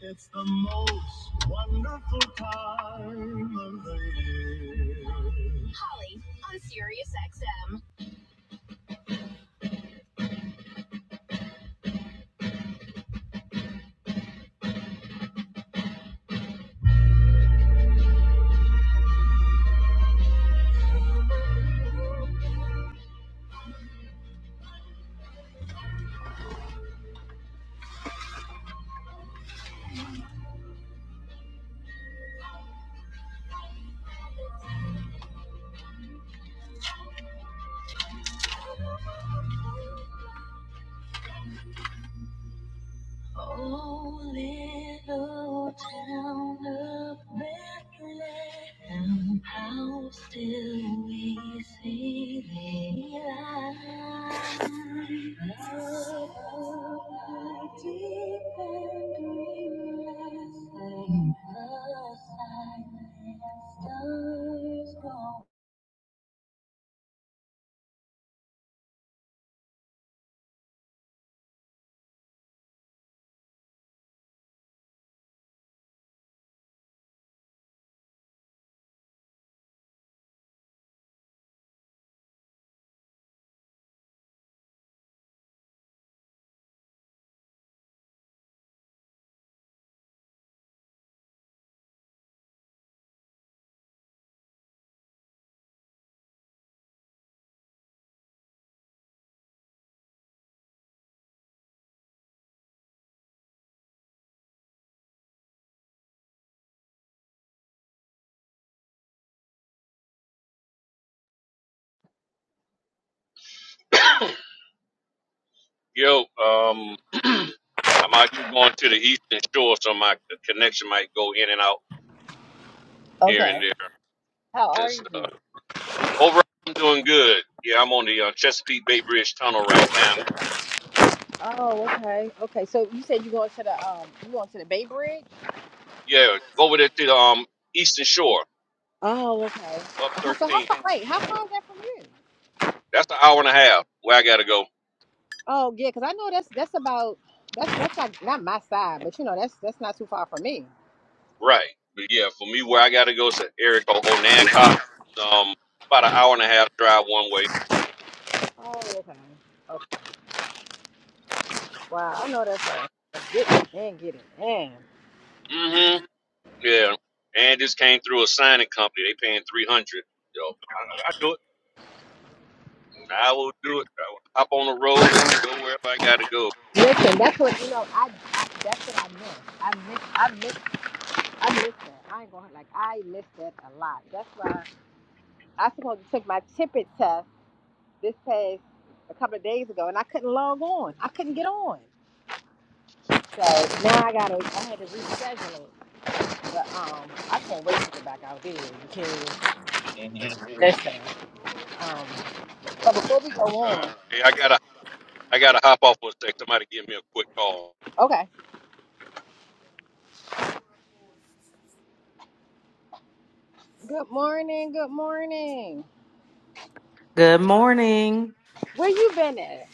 It's the most wonderful time of the year. Oh, little town of Bethlehem, how still we see thee lie. Above the deep and dreamless lake, the silent stars go. Yo, um, I'm out here going to the Eastern Shore, so my connection might go in and out here Okay, and there how and are you? stuff. Overall, I'm doing good. Yeah, I'm on the uh, Chesapeake Bay Bridge Tunnel right now. Oh, okay, okay. So you said you going to the um, you going to the Bay Bridge? Yeah, over there to the um, Eastern Shore, Oh, okay. up How- So how 13. far? Wait, how far is that from you? That's an hour and a half where I gotta go. Oh, yeah, because I know that's that's about that's that's like not my side, but you know that's that's not too far from me. Right. But yeah, for me, where I gotta go is to Eric O- Onancock. Um, about an hour and a half drive one way. Oh, okay. okay. Wow, I know that's a, a get it and get it in. Mm-hmm. Yeah. And just came through a signing company. They paying 300. Yo, I I do it. I will do it. I will hop on the road and go wherever I gotta go. Listen, that's what you know. I, I that's what I miss. I miss I miss I miss that. I ain't gonna like I miss that a lot. That's why I supposed to take my tippet test this past a couple of days ago, and I couldn't log on. I couldn't get on. So now I gotta, I had to reschedule it. But um, I can't wait to get back out there because hmm listen. Um, but Yeah. before we go All right. on, Hey, I gotta I gotta hop off for a sec. Somebody give me a quick call. okay. Good morning. Good morning. Good morning. Where you been at?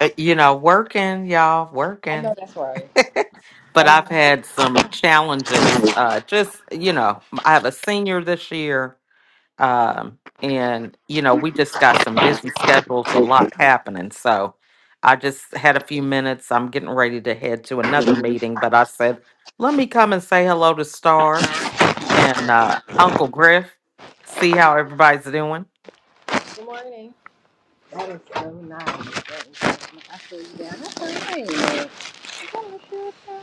Uh, You know, working, y'all, I know working. that's right. I but know. I've had some challenges. Uh, just, you know, I have a senior this year. Um, and, you know, we just got some busy schedules, a lot happening. So I just had a few minutes. I'm getting ready to head to another meeting, but I said, let me come and say hello to Stars and uh, Uncle Griff, see how everybody's doing. Good morning. That is so nice. That is so nice. I see you down. That's right. Oh, sure, sure.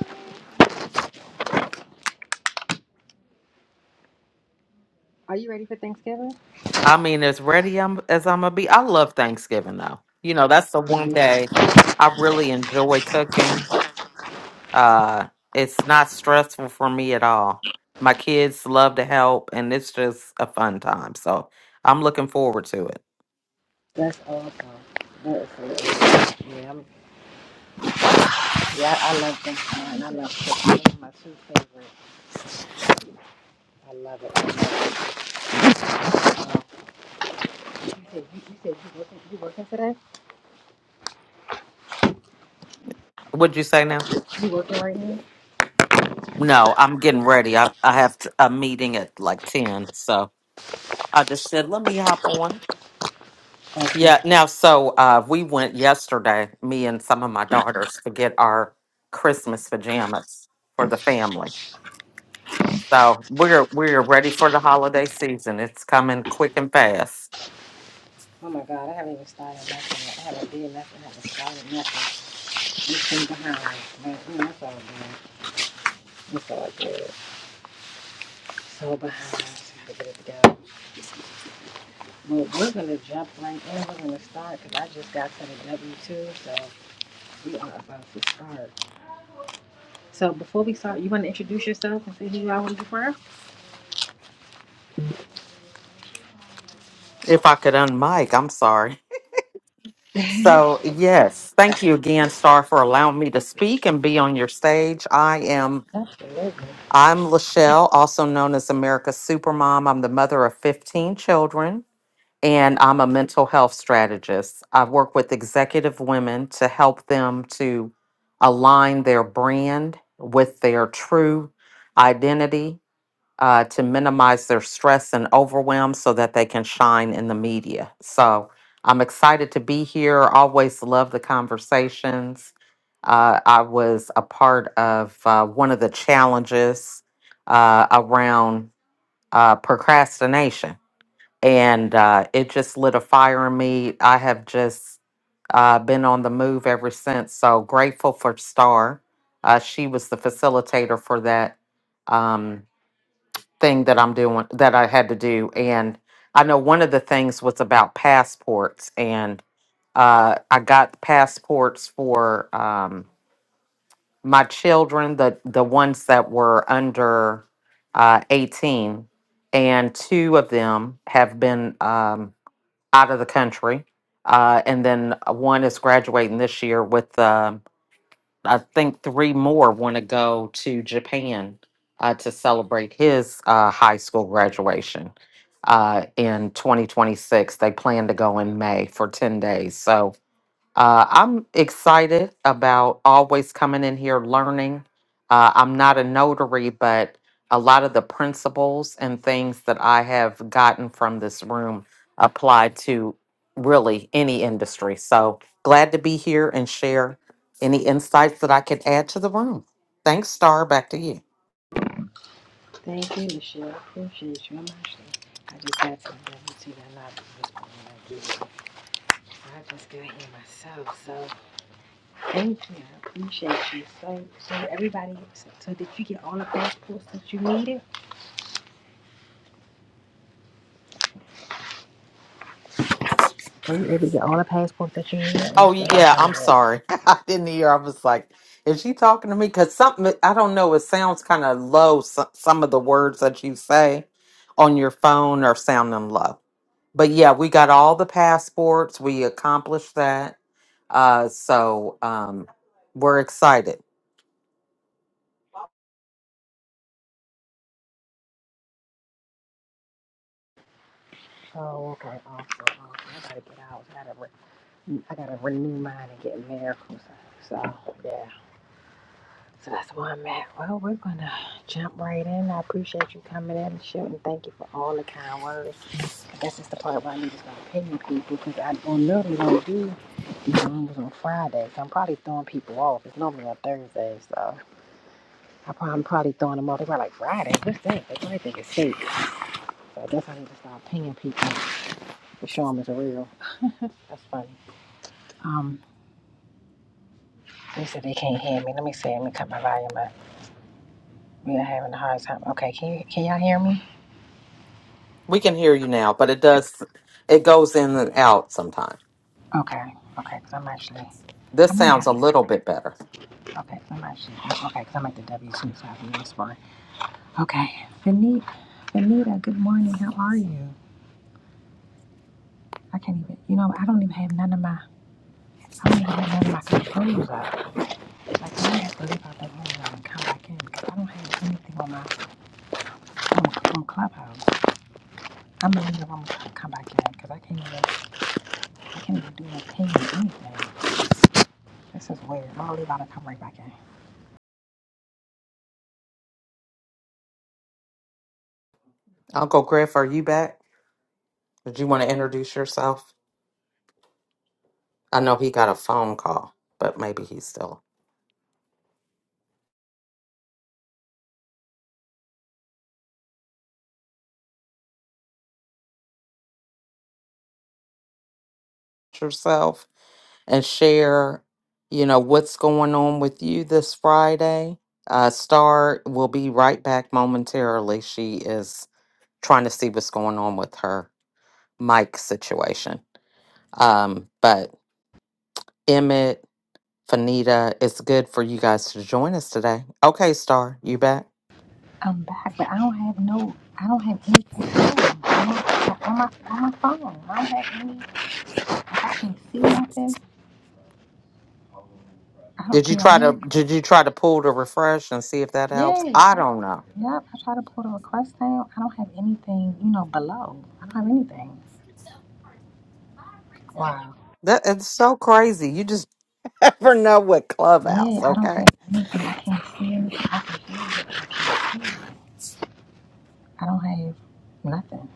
Are you ready for Thanksgiving? I mean, as ready I'm, as I'm gonna be. I love Thanksgiving though. You know, that's the Yeah, one me too. day I really enjoy cooking. Uh, it's not stressful for me at all. My kids love to help, and it's just a fun time. So I'm looking forward to it. That's awesome. That is so awesome. Yeah, I love Thanksgiving. I love cooking. It's my two favorite. I love it. I love it. Um, you said you, you said you working you working today? What'd you say now? You working right now? No, I'm getting ready. I I have t- a meeting at like ten, so I just said let me hop on. Okay. Yeah, now, so uh, we went yesterday, me and some of my daughters, to get our Christmas pajamas for the family. So we're we're ready for the holiday season. It's coming quick and fast. Oh my God, I haven't even started nothing. yet. I haven't did nothing. I haven't started nothing. You seem behind. Man, you know, all good. It's all good. So behind. Just gotta get it together. Well, we're gonna jump right in. We're gonna start because I just got to the W two, so we are about to start. So before we start, you want to introduce yourself and say who you are, where you from? If I could unmic, I'm sorry. So yes, thank you again, Star, for allowing me to speak and be on your stage. I am Absolutely. I'm Lachelle, also known as America's Supermom. I'm the mother of 15 children. and I'm a mental health strategist. I work with executive women to help them to align their brand with their true identity uh, to minimize their stress and overwhelm so that they can shine in the media. So I'm excited to be here. Always love the conversations. Uh, I was a part of uh, one of the challenges uh, around uh, procrastination and uh, it just lit a fire in me. I have just uh, been on the move ever since. So grateful for Star. Uh, she was the facilitator for that um, thing that I'm doing that I had to do, and I know one of the things was about passports, and uh, I got passports for um, my children, the the ones that were under uh, 18, and two of them have been. Um, out of the country. Uh, and then uh, one is graduating this year with, um I think, three more want to go to Japan uh, to celebrate his uh, high school graduation uh, in 2026. They plan to go in May for 10 days. So uh, I'm excited about always coming in here learning. Uh, I'm not a notary, but a lot of the principles and things that I have gotten from this room apply to really any industry. So glad to be here and share any insights that I could add to the room. Thanks, Star. Back to you. Thank you, Michelle. Appreciate you. I'm actually, I just got some W two that I this morning. to give. I just got here myself, so thank you. I appreciate you. So, so everybody, so, so did you get all the passports that you needed? Were you able to get all the passports that you needed? And Oh yeah, stuff? I'm sorry. I didn't hear. I was like, is she talking to me? Because something I don't know. It sounds kind of low. Some, some of the words that you say on your phone are sounding low. But yeah, we got all the passports. We accomplished that. Uh, so um, we're excited. Oh, okay, awesome, awesome. I gotta get out. I gotta, re- I gotta renew mine and get miracles. So, so, yeah. So that's where I'm at. Well, we're going to jump right in. I appreciate you coming in and shooting. Thank you for all the kind words. I guess it's the part where I need to start pinging people because I normally don't do these rooms on Fridays. I'm probably throwing people off. It's normally on Thursdays, so I prob- I'm probably throwing them off. They're probably like, Friday? What's that? They probably think it's fake. So I guess I need to start pinging people to show them it's real. That's funny. Um, they said they can't hear me. Let me see. Let me cut my volume up. We are having a hard time. Okay, can, you, can y'all hear me? We can hear you now, but it does. It goes in and out sometimes. Okay, okay, because I'm actually, I This might sounds have, a little bit better. okay, because I'm actually, oh, okay, because I'm at the W two, so I have Okay, Fanita, Fanita, good morning, how are you? I can't even, you know, I don't even have none of my, I don't even have none of my controls up. Like, I have to leave out that room and come back in, because I don't have anything on my, on, on Clubhouse. I'm gonna leave the room and come back in, because I can't even, I can't even do a ping or anything. This is weird, I'm gonna leave out and come right back in. Uncle Griff, are you back? Did you want to introduce yourself? I know he got a phone call, but maybe he's still. yourself and share, you know, what's going on with you this Friday. Uh, Star will be right back momentarily. She is trying to see what's going on with her mic situation. Um, but Emmett, Fanita, it's good for you guys to join us today. Okay, Star, you back? I'm back, but I don't have no, I don't have anything on my, on my, on my phone. I don't have any, I can't see nothing. I don't, Did you can y'all try hear to me? did you try to pull to refresh and see if that Yeah, helps? I, I don't know. yep, I try to pull the request down. I don't have anything, you know, below. I don't have anything. Wow. That it's so crazy. You just never know with Clubhouse, Yeah, I don't okay? have anything. I can't see anything. I can hear it. I don't have nothing.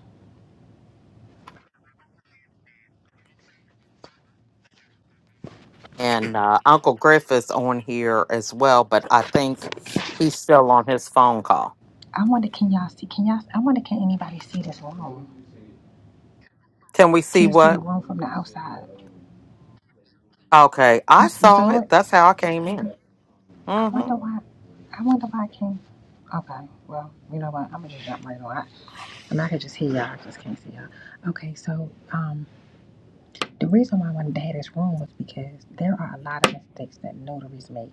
and uh, Uncle Griff is on here as well, but I think he's still on his phone call. I wonder, can y'all see, can y'all, I wonder, can anybody see this room? Can we Can see you see the what? room from the outside? Okay, You, I you saw saw it? it. That's how I came in. I wonder hmm why. I wonder why I can't. Okay, well, you know what? I'm gonna just jump right on. I, I mean, I can just hear y'all. I just can't see y'all. Okay, so um, the reason why I wanted to have this room was because there are a lot of mistakes that notaries make.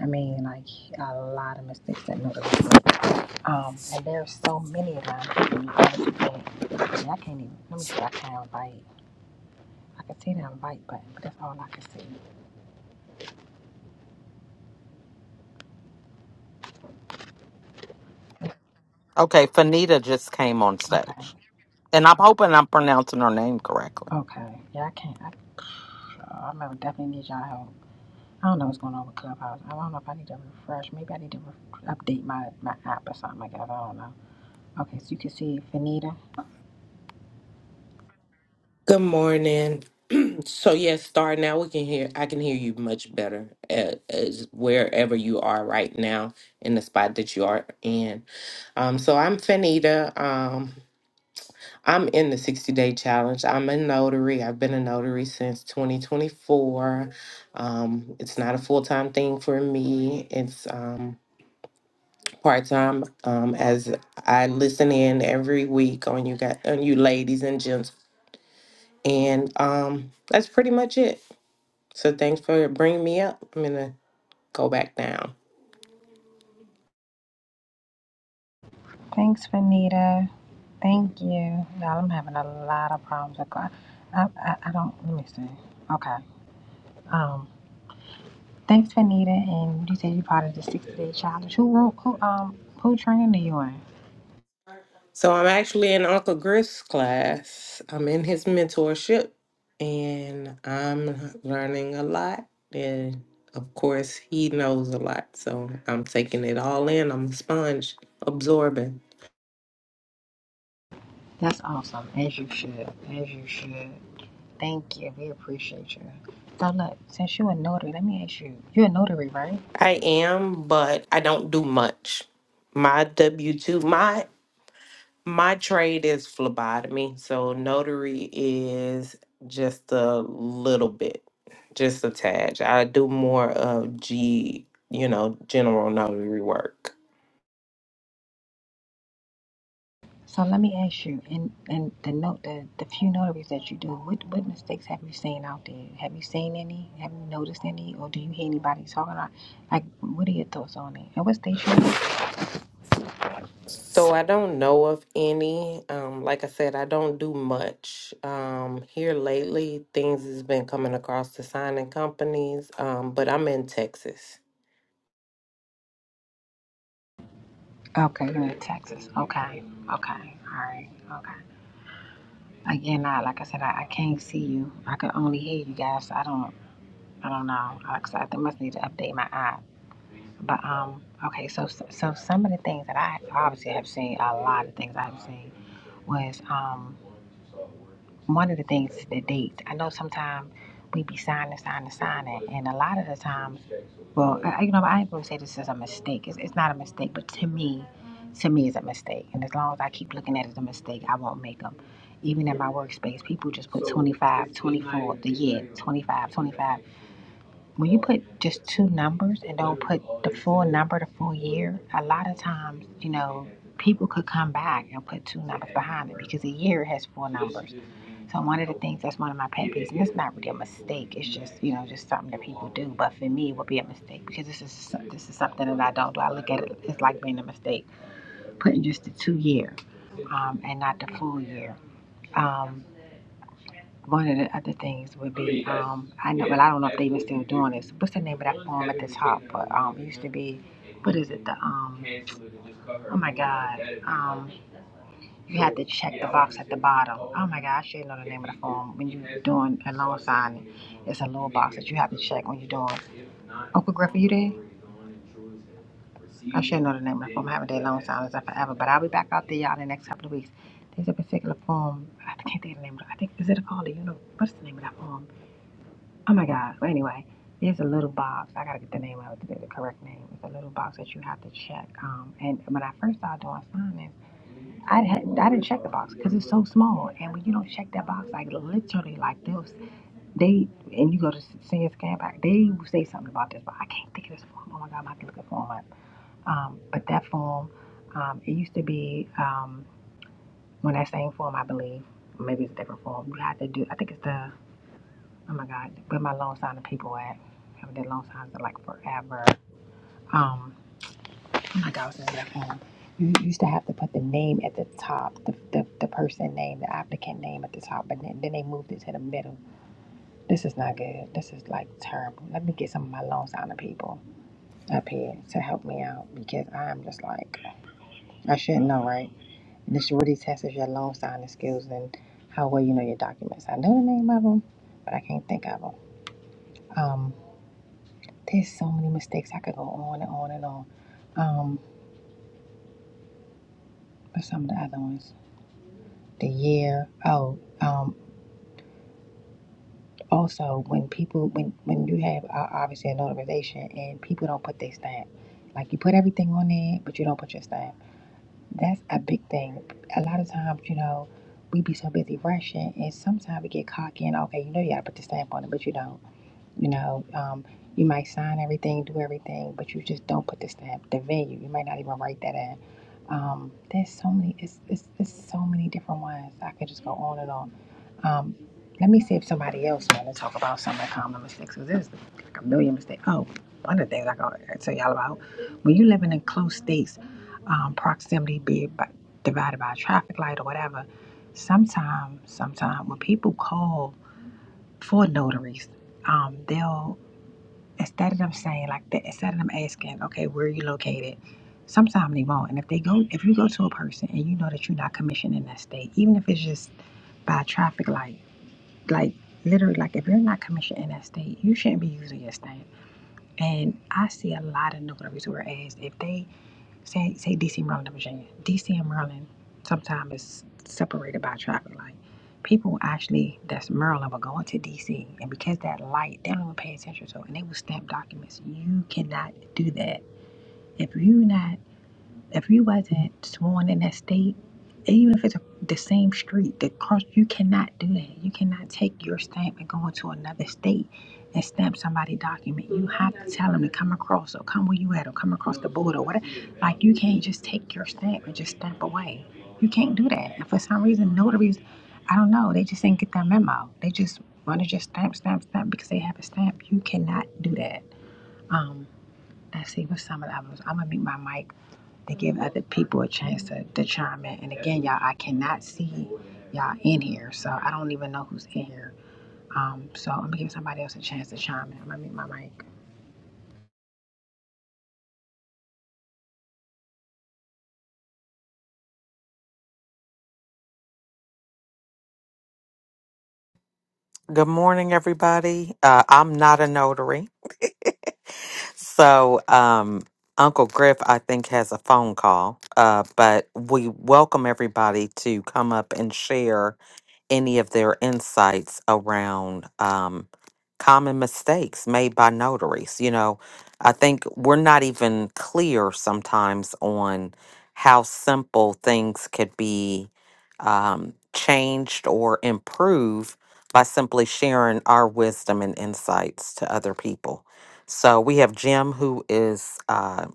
I mean, like a lot of mistakes that notaries make. Um, and there's so many of them. to be honest with And I can't even. Let me see. I can't bite. I can see that bite button, but that's all I can see. Okay, Fanita just came on Okay, stage, and I'm hoping I'm pronouncing her name correctly. okay. Yeah, I can't. I, I remember definitely need y'all help. I don't know what's going on with Clubhouse. I don't know if I need to refresh. Maybe I need to re- update my, my app or something like that. I don't know. Okay, so you can see Fanita. Good morning. So yes, Star, now we can hear I can hear you much better uh, as wherever you are right now in the spot that you are in. Um so I'm Fanita. Um I'm in the 60 day challenge. I'm a notary. I've been a notary since 2024. Um it's not a full-time thing for me. It's um part-time um as I listen in every week on you guys on you ladies and gents and um that's pretty much it So thanks for bringing me up. I'm gonna go back down. Thanks, Fanita. Thank you. Y'all, I'm having a lot of problems with Club. I, I, I don't, let me see. Okay. Um, thanks, Fanita. And you said you're part of the 60 Day Challenge. Who, wrote- who, um, who trained are you in? So I'm actually in Uncle Griff's class. I'm in his mentorship, and I'm learning a lot. And of course, he knows a lot. So I'm taking it all in. I'm a sponge, absorbing. That's awesome. As you should. As you should. Thank you. We appreciate you. So, look, since you're a notary, let me ask you. You're a notary, right? I am, but I don't do much. My W two, my My trade is phlebotomy, so notary is just a little bit, just a tad. I do more of G, you know, general notary work. So let me ask you, and and the note the the few notaries that you do, what what mistakes have you seen out there? Have you seen any? Have you noticed any, or do you hear anybody talking about? Like, what are your thoughts on it? And what state you? in? So I don't know of any. Um, like I said, I don't do much. Um, here lately, things has been coming across the signing companies, um, but I'm in Texas. Okay, you're in Texas. Okay, okay, all right, okay. Again, I like I said, I, I can't see you. I can only hear you guys. So I don't, I don't know. Like I said, I think must need to update my app. But um, okay, so so so some of the things that I obviously have seen, a lot of things I've seen was um. one of the things is the date. I know sometimes we be signing, signing, signing, and a lot of the times, well, I, you know, I ain't gonna say this is a mistake. It's, it's not a mistake, but to me, to me, it's a mistake. And as long as I keep looking at it as a mistake, I won't make them. Even in my workspace, people just put 25, 24 the year, 25, twenty-five when you put just two numbers and don't put the full number, the full year, a lot of times, you know, people could come back and put two numbers behind it because a year has four numbers. So one of the things that's one of my pet peeves, and it's not really a mistake. It's just you know just something that people do. But for me, it would be a mistake because this is this is something that I don't do. I look at it it's like being a mistake, putting just the two year um, and not the full year. Um, one of the other things would be um I know, but I don't know if they even still doing this. What's the name of that farm at the top? But um, it used to be, what is it? The um, oh my God, um, you had to check the box at the bottom. Oh my God, I should know the name of the farm when you're doing a loan signing. It's a little box that you have to check when you're doing. Uncle Griff, are you there? I should know the name of the farm. I haven't done loan signings in forever, but I'll be back out there y'all in the next couple of weeks. There's a particular farm. I can't think of the name. of it. I think is it a called You know What's the name of that farm? Oh my God. Well, anyway, there's a little box. I gotta get the name of the, the correct name. It's a little box that you have to check. Um, and when I first started doing finance, I had I didn't check the box because it's so small. And when you don't check that box, like literally, like this, they and you go to senior scan back, they will say something about this, but I can't think of this form. Oh my God, I have to look at form up. Um, but that form, um, it used to be um, when that same form, I believe, maybe it's a different form. You had to do. I think it's the Oh my God, where my loan signing people at? Haven't did loan signs in like forever. Um, oh my God, what's the name of that phone? You used to have to put the name at the top, the, the, the person name, the applicant name at the top, but then, then they moved it to the middle. This is not good. This is like terrible. Let me get some of my loan signing people up here to help me out because I'm just like, I should know, right? And this really tests your loan signing skills and how well you know your documents. I know the name of them, but I can't think of them. There's so many mistakes. I could go on and on and on. Um, but some of the other ones, the year. Oh, um, also when people when when you have uh, obviously a notarization and people don't put their stamp, like you put everything on there, but you don't put your stamp. That's a big thing. A lot of times, you know, we be so busy rushing, and sometimes we get cocky and okay, you know, you gotta put the stamp on it, but you don't. You know, um, you might sign everything, do everything, but you just don't put the stamp, the venue. You might not even write that in. Um, there's so many. It's, it's it's so many different ones. I could just go on and on. Um, let me see if somebody else want to talk about some of the common mistakes. Cause there's like a million mistakes. Oh, one of the things I gotta tell y'all about when you living in close states, um, proximity be it by, divided by a traffic light or whatever. Sometimes, sometimes when people call for notaries, um, they'll instead of them saying like that, instead of them asking, okay, where are you located? Sometimes they won't. And if they go, if you go to a person and you know that you're not commissioned in that state, even if it's just by a traffic light, like literally, like if you're not commissioned in that state, you shouldn't be using your state. And I see a lot of notaries where as if they Say say DC, Maryland, Virginia. DC and Maryland sometimes is separated by traffic light. People actually that's Maryland will go into DC, and because that light, they don't even pay attention to, it, and they will stamp documents. You cannot do that if you not. If you wasn't sworn in that state, even if it's a, the same street, the cross, you cannot do that. You cannot take your stamp and go into another state and stamp somebody document. You have to tell them to come across or come where you at or come across the border or whatever. Like you can't just take your stamp and just stamp away. You can't do that. And for some reason, notaries, I don't know, they just didn't get that memo. They just want to just stamp, stamp, stamp because they have a stamp. You cannot do that. Um, let's see what some of the others. I'm gonna mute my mic to give other people a chance to, to chime in. And again, y'all, I cannot see y'all in here, so I don't even know who's in here. Um, so I'm gonna give somebody else a chance to chime in. I'm gonna mute my mic. Good morning, everybody. Uh, I'm not a notary, so um, Uncle Griff, I think, has a phone call. Uh, but we welcome everybody to come up and share any of their insights around um, common mistakes made by notaries. You know, I think we're not even clear sometimes on how simple things could be um, changed or improved by simply sharing our wisdom and insights to other people. So we have Jim, who is uh,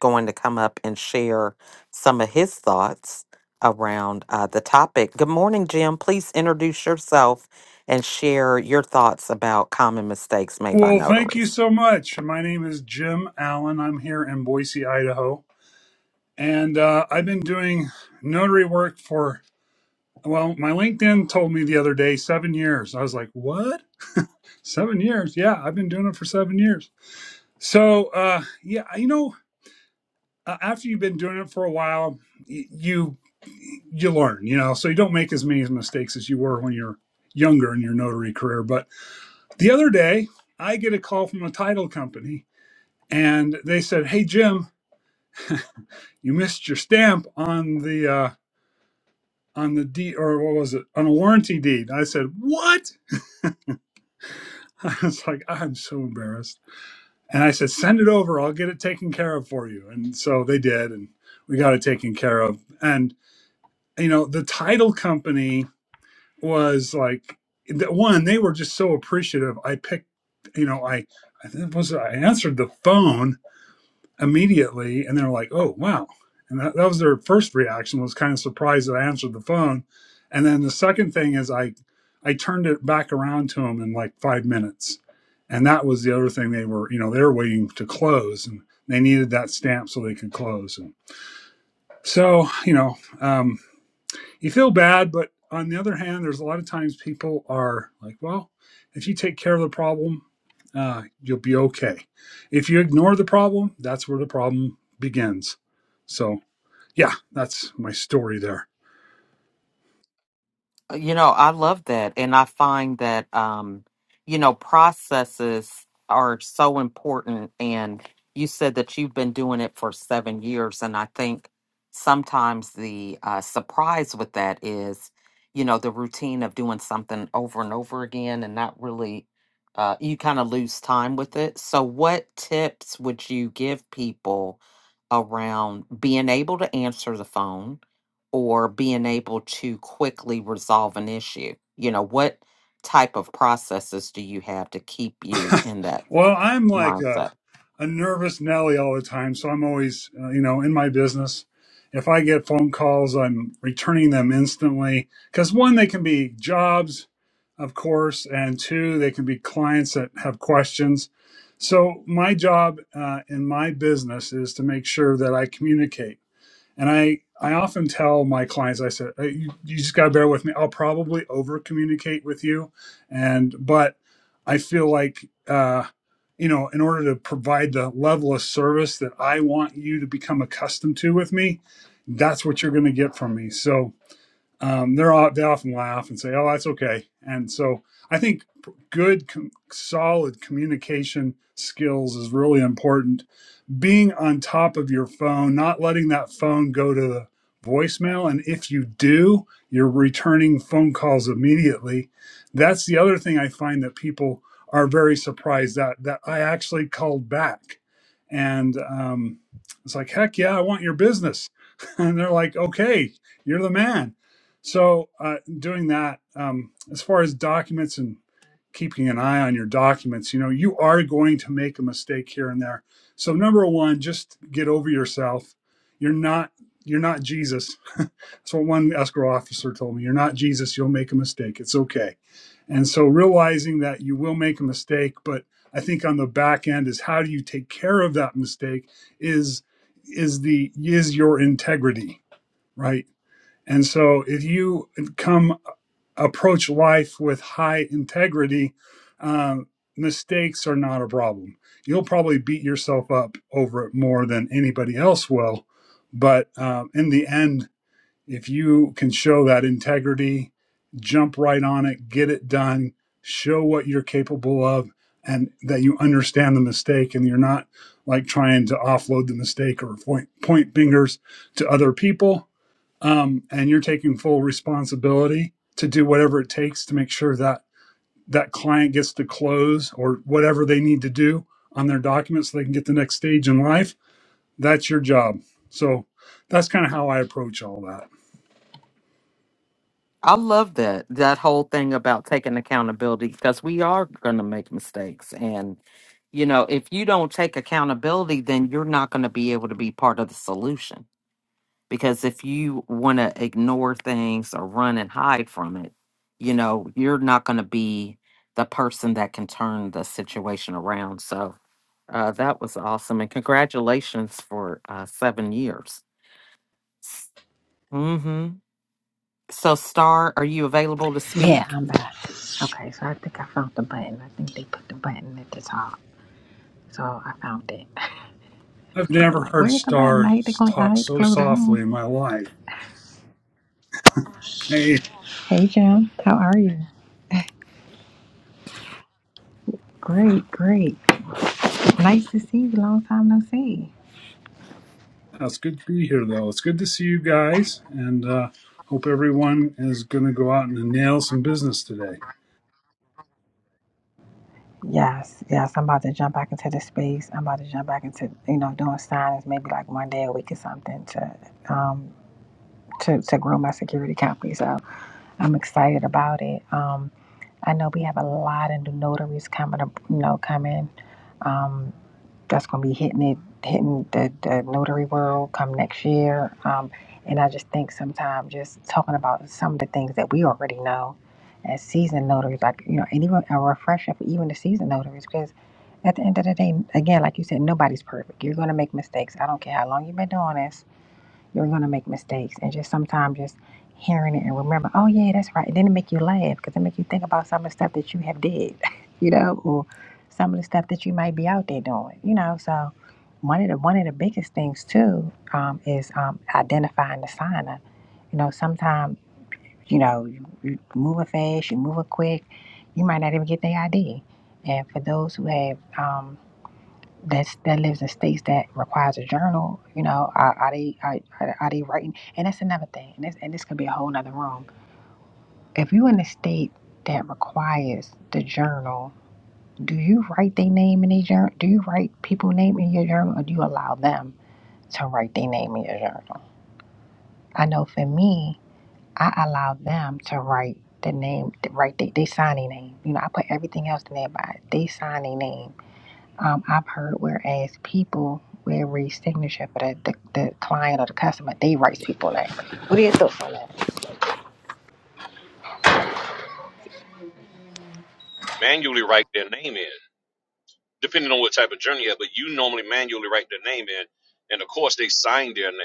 going to come up and share some of his thoughts around uh, the topic. Good morning, Jim. Please introduce yourself and share your thoughts about common mistakes made by Well, thank you notaries. so much. My name is Jim Allen. I'm here in Boise, Idaho. And uh, I've been doing notary work for, well, my LinkedIn told me the other day seven years. I was like, what? Seven years? Yeah, I've been doing it for seven years. So, uh, yeah, you know, uh, after you've been doing it for a while, y- you you learn, you know, so you don't make as many mistakes as you were when you're younger in your notary career. But the other day, I get a call from a title company and they said, "Hey Jim, you missed your stamp on the uh, on the deed, or what was it, on a warranty deed." I said, "What?" I was like, "I'm so embarrassed," and I said, "Send it over. I'll get it taken care of for you." And so they did, and we got it taken care of. And you know, the title company was like, the- one, they were just so appreciative. I picked, you know, I I think it was I answered the phone immediately and they're like oh wow and that, that was their first reaction was kind of surprised that i answered the phone and then the second thing is i i turned it back around to them in like five minutes and that was the other thing they were you know they were waiting to close and they needed that stamp so they could close and so you know um, you feel bad, but on the other hand, there's a lot of times people are like, well, if you take care of the problem, uh, you'll be okay. If you ignore the problem, that's where the problem begins. So, yeah, that's my story there. You know, I love that. And I find that, um, you know, processes are so important. And you said that you've been doing it for seven years. And I think sometimes the uh, surprise with that is, you know, the routine of doing something over and over again and not really, uh, you kind of lose time with it. So, what tips would you give people around being able to answer the phone? or being able to quickly resolve an issue? You know, what type of processes do you have to keep you in that well, I'm like a, mindset? a nervous Nelly all the time, so I'm always, uh, you know, in my business. If I get phone calls, I'm returning them instantly because one, they can be jobs, of course, and two, they can be clients that have questions. So my job uh, in my business is to make sure that I communicate. And I, I often tell my clients, I said, "Hey, you, you just got to bear with me. I'll probably over communicate with you. And, but I feel like, uh, you know, in order to provide the level of service that I want you to become accustomed to with me, that's what you're going to get from me. So, um, they're all, they often laugh and say, oh, that's okay. And so I think good, com- solid communication skills is really important being on top of your phone, not letting that phone go to the voicemail. And if you do, you're returning phone calls immediately. That's the other thing I find that people are very surprised that that I actually called back. And um, it's like, heck yeah, I want your business. and they're like, okay, you're the man. So uh, doing that um, as far as documents and keeping an eye on your documents, you know, you are going to make a mistake here and there. So number one, just get over yourself. You're not you're not Jesus. That's what one escrow officer told me. You're not Jesus. You'll make a mistake. It's okay. And so realizing that you will make a mistake, but I think on the back end is how do you take care of that mistake is is the is your integrity, right? And so if you come approach life with high integrity, um, mistakes are not a problem. You'll probably beat yourself up over it more than anybody else will. But um, in the end, if you can show that integrity, jump right on it, get it done, show what you're capable of, and that you understand the mistake and you're not like trying to offload the mistake or point, point fingers to other people um, and you're taking full responsibility to do whatever it takes to make sure that that client gets to close or whatever they need to do on their documents so they can get the next stage in life that's your job so that's kind of how i approach all that I love that that whole thing about taking accountability because we are going to make mistakes and you know, if you don't take accountability then you're not going to be able to be part of the solution because if you want to ignore things or run and hide from it you know you're not going to be the person that can turn the situation around so uh, that was awesome and congratulations for uh, seven years mm-hmm. so star are you available to Yeah, speak I'm back. Okay, so I think I found the button. I think they put the button at the top. So I found it. I i've was looking never like, heard where's the button? I hate to, stars cl- I talk hate to so close the softly room. in my life hey Hey, Jim, how are you? Great, great. Nice to see you. Long time no see. it's good to be here though it's good to see you guys and uh, hope everyone is going to go out and nail some business today Yes, yes. I'm about to jump back into the space. I'm about to jump back into, you know, doing signings maybe like one day a week or something to um to, to grow my security company. So I'm excited about it. Um, I know we have a lot of new notaries coming, up, you know, coming. Um, that's going to be hitting it, hitting the, the notary world come next year. Um, and I just think sometimes just talking about some of the things that we already know as seasoned notaries, like, you know, and even a refresher for even the seasoned notaries, because at the end of the day, again, like you said, nobody's perfect. You're going to make mistakes. I don't care how long you've been doing this you're gonna make mistakes, and just sometimes just hearing it and remember, oh yeah, that's right. And then it make you laugh because it make you think about some of the stuff that you have did, you know, or some of the stuff that you might be out there doing, you know. So one of the one of the biggest things too um, is um, identifying the signer. You know, sometimes you know you, you moving fast, you moving quick, you might not even get the ID. And for those who have um, that's that lives in states that requires a journal. You know, are, are they are, are are they writing? And that's another thing. And this and this could be a whole nother room. If you in a state that requires the journal, do you write their name in a journal? Do you write people name in your journal, or do you allow them to write their name in your journal? I know for me, I allow them to write the name, to write they, they sign their name. You know, I put everything else in there, but they sign their name um, I've heard whereas people will read signature for the, the, the client or the customer, they write people name. What are your thoughts on that? Manually write their name in, depending on what type of journey you have, but you normally manually write their name in, and of course they sign their name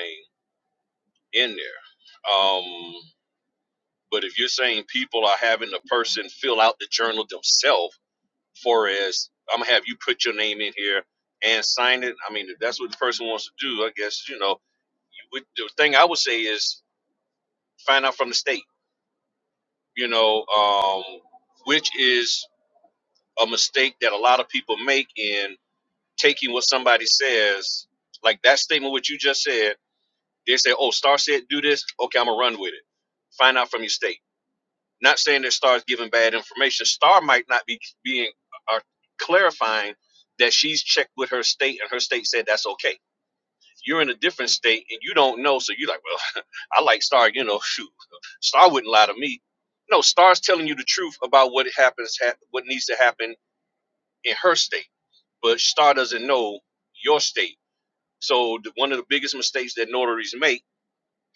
in there. Um, but if you're saying people are having the person fill out the journal themselves, for as I'm gonna have you put your name in here and sign it. I mean, if that's what the person wants to do, I guess you know. you would- The thing I would say is find out from the state, you know, um, which is a mistake that a lot of people make in taking what somebody says, like that statement, what you just said. They say, oh, Star said do this. Okay, I'm going to run with it. Find out from your state. Not saying that Star's giving bad information. Star might not be being or clarifying that she's checked with her state and her state said that's okay You're in a different state and you don't know, so you're like, well, I like Star, you know, shoot, Star wouldn't lie to me. No, Star's telling you the truth about what happens, hap what needs to happen in her state, but Star doesn't know your state. So the, one of the biggest mistakes that notaries make,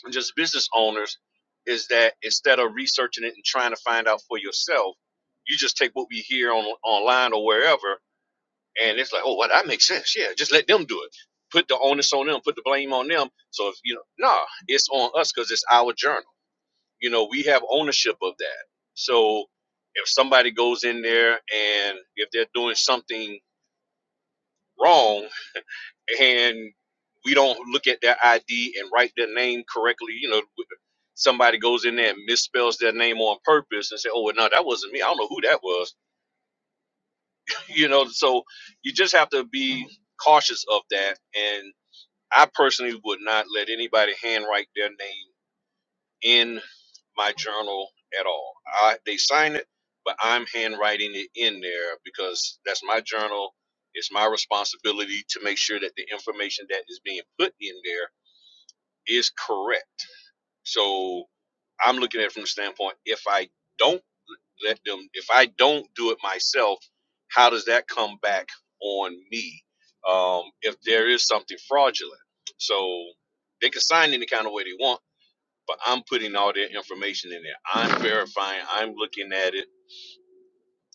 and just business owners, is that instead of researching it and trying to find out for yourself, you just take what we hear on online or wherever and it's like, oh, well, that makes sense. Yeah, just let them do it. Put the onus on them. Put the blame on them. So if you know, nah, it's on us because it's our journal. You know, we have ownership of that. So if somebody goes in there and if they're doing something wrong and we don't look at their ID and write their name correctly, you know, somebody goes in there and misspells their name on purpose and say, oh, well, no, that wasn't me. I don't know who that was. You know, so you just have to be cautious of that and I personally would not let anybody handwrite their name in my journal at all. I, they sign it, but I'm handwriting it in there because that's my journal. It's my responsibility to make sure that the information that is being put in there is correct. So I'm looking at it from the standpoint if I don't let them if i don't do it myself how does that come back on me um, if there is something fraudulent so they can sign any kind of way they want but i'm putting all their information in there i'm verifying i'm looking at it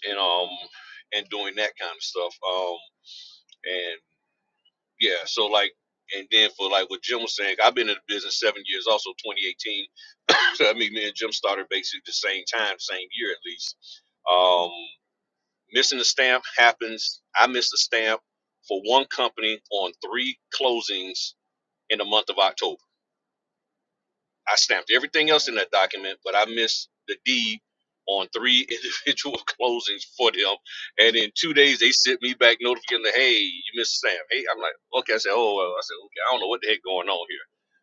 and um and doing that kind of stuff um and yeah so like and then for like what jim was saying i've been in the business seven years also 2018 so i mean me and jim started basically the same time same year at least um Missing the stamp happens. I missed the stamp for one company on three closings in the month of October. I stamped everything else in that document, but I missed the deed on three individual closings for them. And in two days, they sent me back notification, that, hey, you missed the stamp. Hey, I'm like, okay. I said, oh, well. I said, okay, I don't know what the heck going on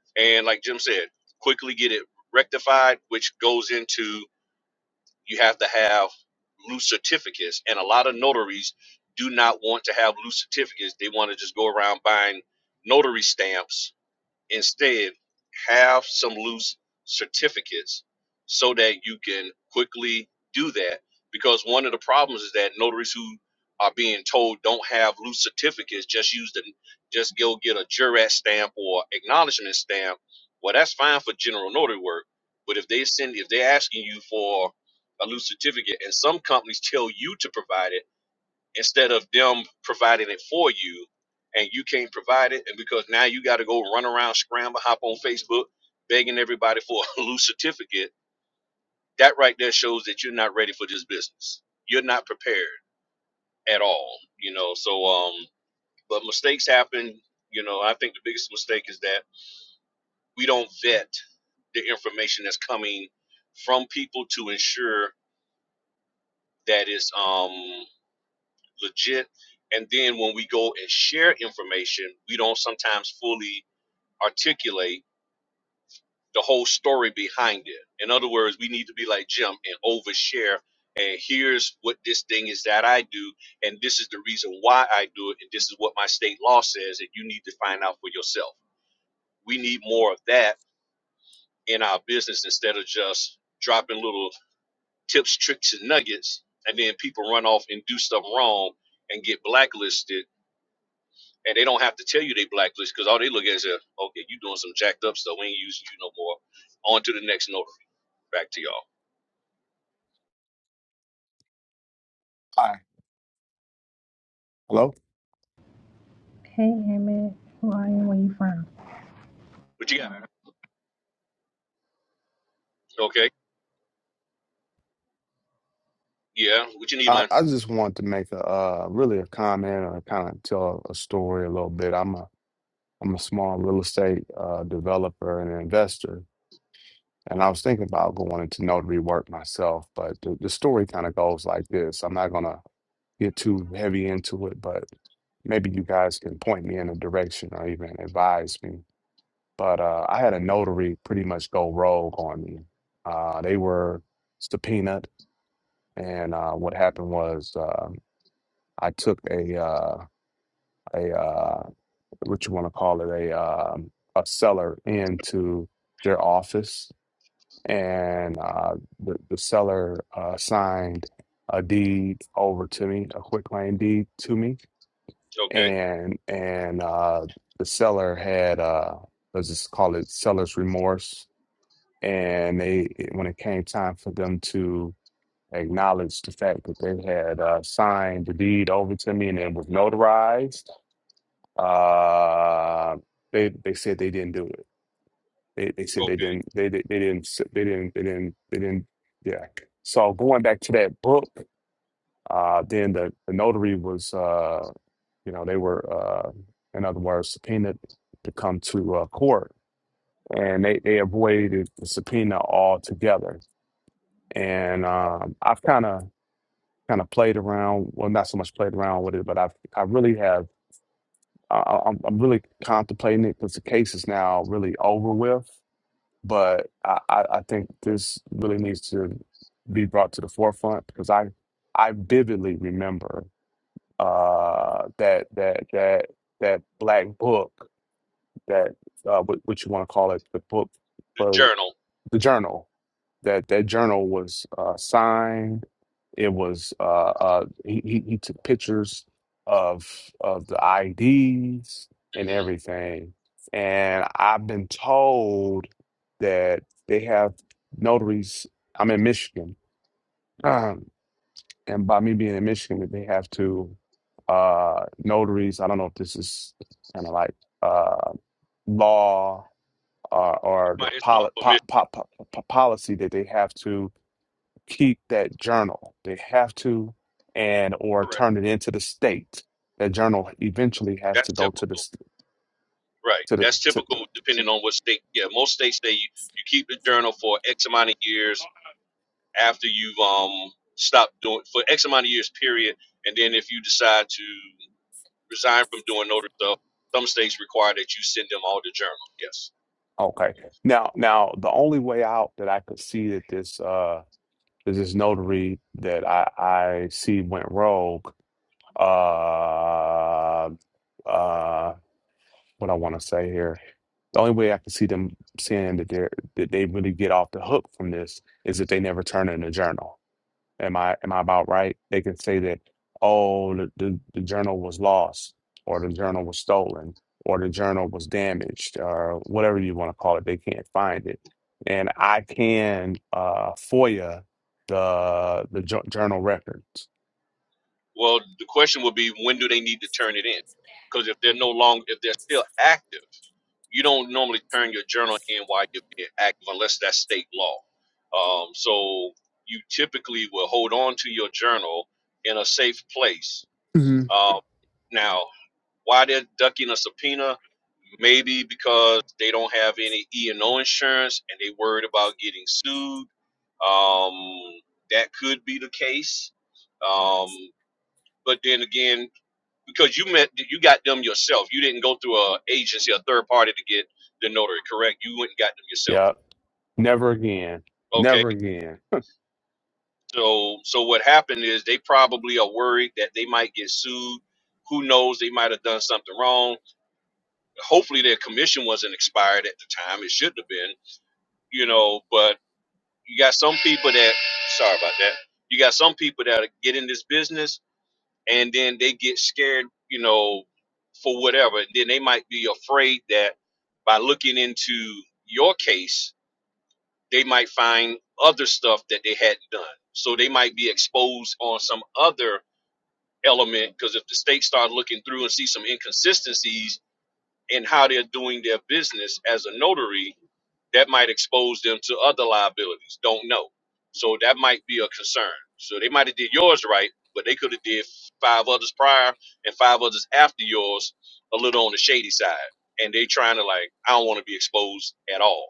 here. And like Jim said, quickly get it rectified, which goes into you have to have loose certificates, and a lot of notaries do not want to have loose certificates. They want to just go around buying notary stamps Instead, have some loose certificates so that you can quickly do that. Because one of the problems is that notaries who are being told don't have loose certificates, just use the just go get a jurat stamp or acknowledgement stamp. Well, that's fine for general notary work, but if they send if they're asking you for a loose certificate and some companies tell you to provide it instead of them providing it for you and you can't provide it and because now you got to go run around scramble hop on facebook begging everybody for a loose certificate that right there shows that you're not ready for this business you're not prepared at all you know so um but mistakes happen you know i think the biggest mistake is that we don't vet the information that's coming from people to ensure that it's um legit. And then when we go and share information, we don't sometimes fully articulate the whole story behind it. In other words, we need to be like Jim and overshare. And here's what this thing is that I do, and this is the reason why I do it, and this is what my state law says, and you need to find out for yourself. We need more of that in our business instead of just dropping little tips, tricks, and nuggets, and then people run off and do something wrong and get blacklisted and they don't have to tell you they blacklist because all they look at is, uh, okay, you doing some jacked up stuff. We ain't using you no more. On to the next notary. Back to y'all. Hi. Hello. Hey, Emmett. Who are you? Where you from? What you got? Okay. Yeah. What you need, I, man? I just wanted to make a uh, really a comment or kind of tell a story a little bit. I'm a I'm a small real estate uh, developer and investor, and I was thinking about going into notary work myself. But the, the story kind of goes like this. I'm not gonna get too heavy into it, but maybe you guys can point me in a direction or even advise me. But uh, I had a notary pretty much go rogue on me. Uh, they were subpoenaed, and uh, what happened was. uh, I took a uh, a uh, what you want to call it a um, a seller into their office, and uh, the the seller uh, signed a deed over to me, a quick claim deed to me, Okay. and and uh, the seller had uh, let's just call it seller's remorse, and they when it came time for them to acknowledge the fact that they had uh, signed the deed over to me and it was notarized Uh, they they said they didn't do it. They they said they Okay. didn't they they, they didn't s- they didn't they didn't they didn't yeah. So going back to that book, uh, then the the notary was uh, you know they were uh, in other words subpoenaed to come to uh, court, and they they avoided the subpoena altogether. And um, I've kind of kind of played around, well, not so much played around with it, but I've I really have I, I- I'm I'm really contemplating it because the case is now really over with. But I, I I think this really needs to be brought to the forefront because I I vividly remember uh, that that that that black book that uh, what, what you want to call it the book The for journal. the journal that that journal was uh, signed. It was uh, uh, he, he he took pictures of of the IDs and Mm-hmm. everything. And I've been told that they have notaries. I'm in Michigan, um, and by me being in Michigan, that they have to uh, notaries. I don't know if this is kind of like uh, law or, or the My Islam poli- po- permission. po- po- po- policy that they have to keep that journal. They have to and or Correct. turn it into the state. That journal eventually has That's to go to the typical. s- Right. to the That's to typical depending on what state. Yeah. Most states, they you, you keep the journal for X amount of years after you've um stopped doing for X amount of years period, and then if you decide to resign from doing notary stuff, some states require that you send them all the journal. Yes. okay. Now now the only way out that I could see that this uh that this notary that I I see went rogue uh uh what I want to say here. The only way I can see them saying that they are that they really get off the hook from this is if they never turn in a journal Am I am I about right? They can say that, oh, the, the, the journal was lost, or the journal was stolen, or the journal was damaged, or whatever you want to call it. They can't find it, and I can uh, FOIA the the jo- journal records. Well, the question would be when do they need to turn it in? Because if they're no longer if they're still active, you don't normally turn your journal in while you're being active unless that's state law. Um, so you typically will hold on to your journal in a safe place. hmm Um, now Why they're ducking a subpoena? Maybe because they don't have any E and O insurance, and they worried about getting sued. Um, that could be the case. Um, but then again, because you met, you got them yourself. You didn't go through a agency, a third party to get the notary. Correct? You went and got them yourself. Yep. Never again. Okay. Never again. So, so what happened is they probably are worried that they might get sued. Who knows? They might have done something wrong hopefully their commission wasn't expired at the time. It shouldn't have been, you know, but you got some people that sorry about that. You got some people that get in this business and then they get scared, you know, for whatever. And then they might be afraid that by looking into your case, they might find other stuff that they hadn't done. So they might be exposed on some other element because if the state starts looking through and see some inconsistencies and how they're doing their business as a notary, that might expose them to other liabilities. Don't know. So that might be a concern. So they might have did yours right, but they could have did five others prior and five others after yours a little on the shady side. And they trying to like, I don't want to be exposed at all.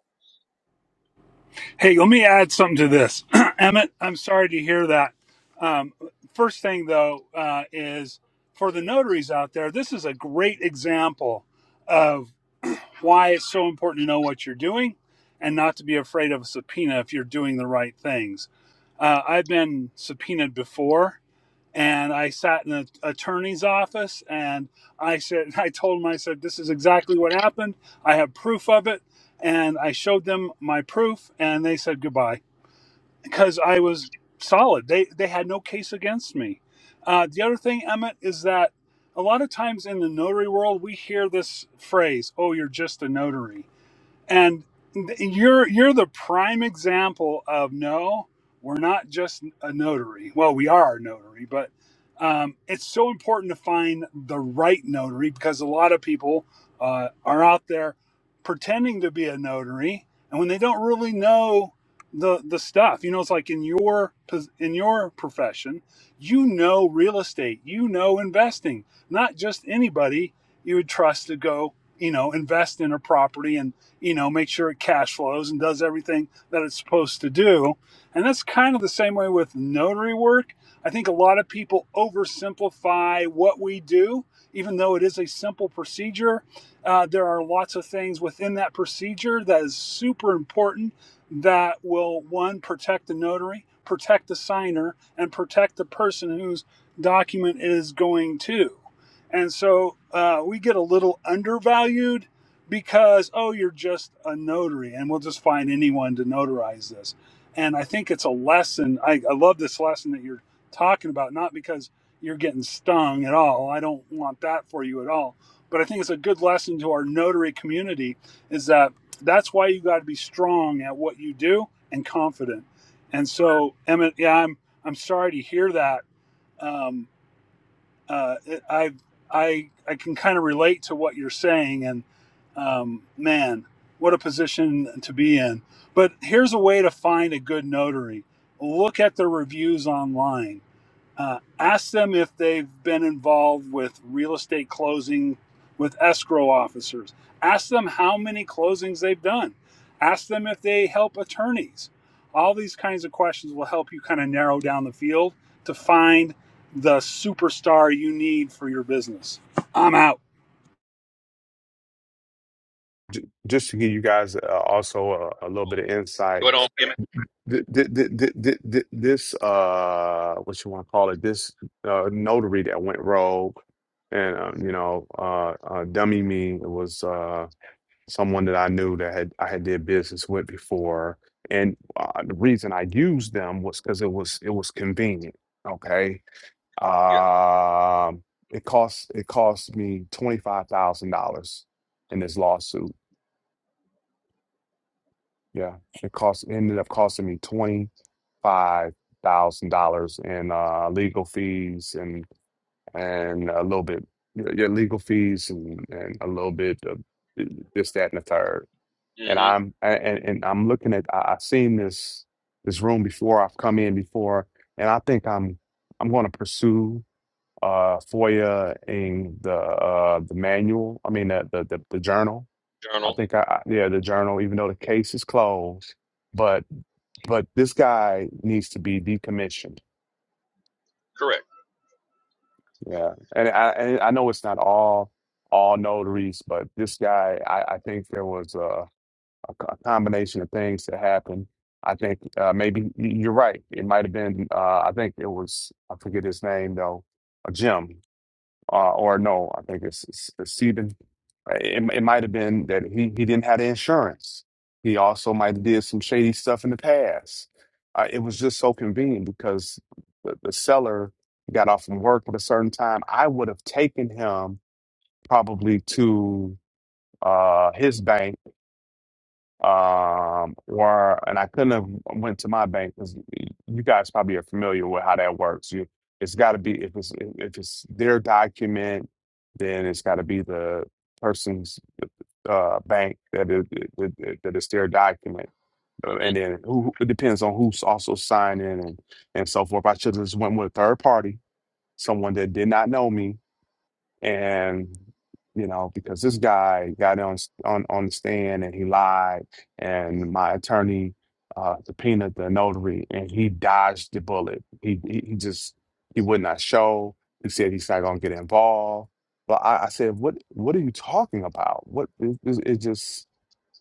Hey, let me add something to this. Emmett, I'm sorry to hear that. Um, first thing, though, uh, is for the notaries out there, this is a great example of why it's so important to know what you're doing and not to be afraid of a subpoena if you're doing the right things. Uh, I've been subpoenaed before. And I sat in an attorney's office and I said, I told him, I said, this is exactly what happened. I have proof of it. And I showed them my proof and they said goodbye because I was solid. They they had no case against me. Uh, the other thing, Emmett, is that a lot of times in the notary world we hear this phrase, "Oh, you're just a notary." and you're you're the prime example of no we're not just a notary well we are a notary but um, it's so important to find the right notary because a lot of people uh, are out there pretending to be a notary and when they don't really know the the stuff you know it's like in your pos- in your profession you know real estate you know investing not just anybody you would trust to go you know invest in a property and you know, make sure it cash flows and does everything that it's supposed to do. And that's kind of the same way with notary work. I think a lot of people oversimplify what we do, even though it is a simple procedure. Uh, there are lots of things within that procedure that is super important that will, one, protect the notary, protect the signer, and protect the person whose document it is going to. And so uh, we get a little undervalued because oh you're just a notary and we'll just find anyone to notarize this and i think it's a lesson i, I love this lesson that you're talking about not because you're getting stung at all i don't want that for you at all but i think it's a good lesson to our notary community is that that's why you got to be strong at what you do and confident and so emmett yeah i'm i'm sorry to hear that um, uh, I I I can kind of relate to what you're saying, and um, man, what a position to be in. But here's a way to find a good notary: look at their reviews online uh, ask them if they've been involved with real estate closing with escrow officers. Ask them how many closings they've done. Ask them if they help attorneys. All these kinds of questions will help you kind of narrow down the field to find the superstar you need for your business. I'm out. Just to give you guys uh, also a, a little bit of Go insight. ahead on, Emmett. th- th- th- th- th- th- this uh what you want to call it this uh notary that went rogue and um, you know uh, uh dummy me it was uh someone that I knew that had I had did business with before and uh, the reason I used them was because it was it was convenient okay Yeah. um it cost it cost me twenty five thousand dollars in this lawsuit yeah it cost ended up costing me twenty. five thousand dollars in uh, legal fees and and a little bit your legal fees and, and a little bit of this that and the third. And Mm-hmm. I'm and, and I'm looking at I, I've seen this this room before. I've come in before, and I think I'm I'm going to pursue uh, FOIA in the uh, the manual. I mean the the, the, the journal. I Journal. think I, I yeah the journal. Even though the case is closed, but but this guy needs to be decommissioned Correct. Yeah, and I and I know it's not all all notaries, but this guy, I, I think there was a, a co- a combination of things that happened. I think uh, maybe y- you're right. It might have been. Uh, I think it was. I forget his name though. Uh, Jim uh, or no, I think it's, it's, it's Stephen. Uh, It, it might have been that he, he didn't have the insurance. He also might have did some shady stuff in the past. Uh, it was just so convenient because the, the seller got off from work at a certain time. I would have taken him probably to uh, his bank um or and I couldn't have went to my bank because you guys probably are familiar with how that works. You it's got to be if it's if it's their document, then it's got to be the person's uh bank that it, it, it- that it's their document. Uh, hmm And then who it depends on who's also signing and and so forth. I should have just went with a third party, someone that did not know me, and you know because this guy got on on on the stand and he lied and my attorney uh subpoenaed the notary and he dodged the bullet he he, he just he would not show he said he's not going to get involved but I, I said what what are you talking about what it, it, it just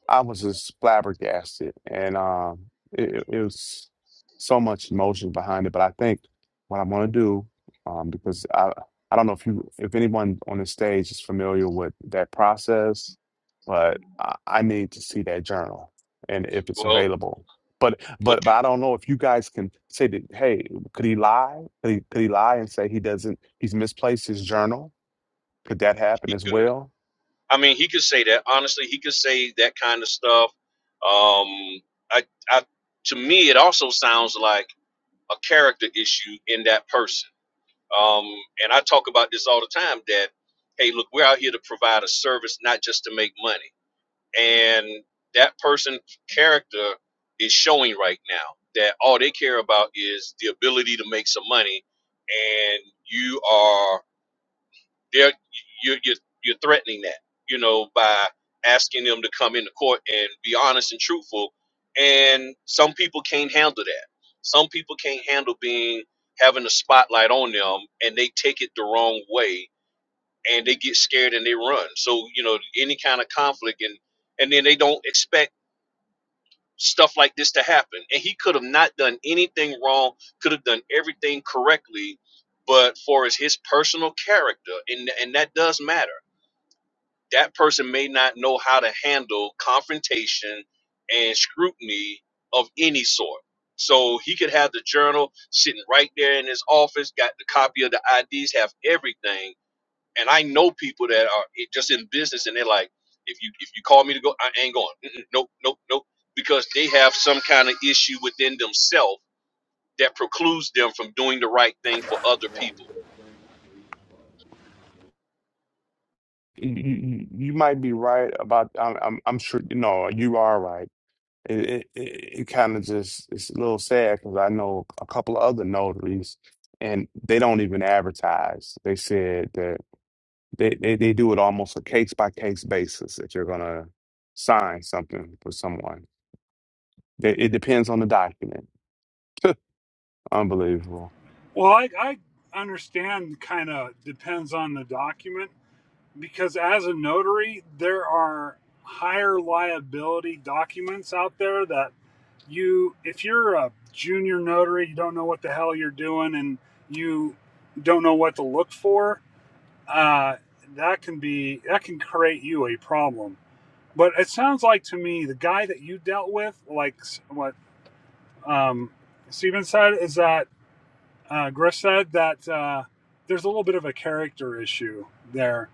I was just flabbergasted, and um, it, it was so much emotion behind it. But I think what I'm going to do, um, because I I don't know if you if anyone on the stage is familiar with that process, but I, I need to see that journal and if it's Well, available. But would but but I don't know if you guys can say that. Hey, could he lie? Could he could he lie and say he doesn't? He's misplaced his journal. Could that happen as you? well? I mean, he could say that. Honestly, he could say that kind of stuff. Um, I, I, to me, it also sounds like a character issue in that person. Um, and I talk about this all the time that, hey, look, we're out here to provide a service, not just to make money. And that person's character is showing right now that all they care about is the ability to make some money. And you are they're you're you're, you're threatening that, you know, by asking them to come into court and be honest and truthful. And some people can't handle that. Some people can't handle being having a spotlight on them, and they take it the wrong way, and they get scared and they run. So you know, any kind of conflict, and and then they don't expect stuff like this to happen. And he could have not done anything wrong. Could have done everything correctly but for his, his personal character and and that does matter that person may not know how to handle confrontation and scrutiny of any sort. So he could have the journal sitting right there in his office, got the copy of the IDs, have everything. And I know people that are just in business, and they're like, if you if you call me to go, I ain't going. Mm-mm, Nope, nope, nope, because they have some kind of issue within themselves that precludes them from doing the right thing for other people. you, you you might be right about I'm I'm, I'm sure you know you are right. It it, it, it kind of just it's a little sad because I know a couple of other notaries and they don't even advertise. They said that they, they, they do it almost a case by case basis if you're gonna sign something for someone. They, it depends on the document. Unbelievable. Well, I, I understand kind of depends on the document because as a notary, there are higher liability documents out there that you if you're a junior notary you don't know what the hell you're doing and you don't know what to look for uh, that can be that can create you a problem but it sounds like to me the guy that you dealt with like what um, steven said is that uh, griff said that uh, there's a little bit of a character issue there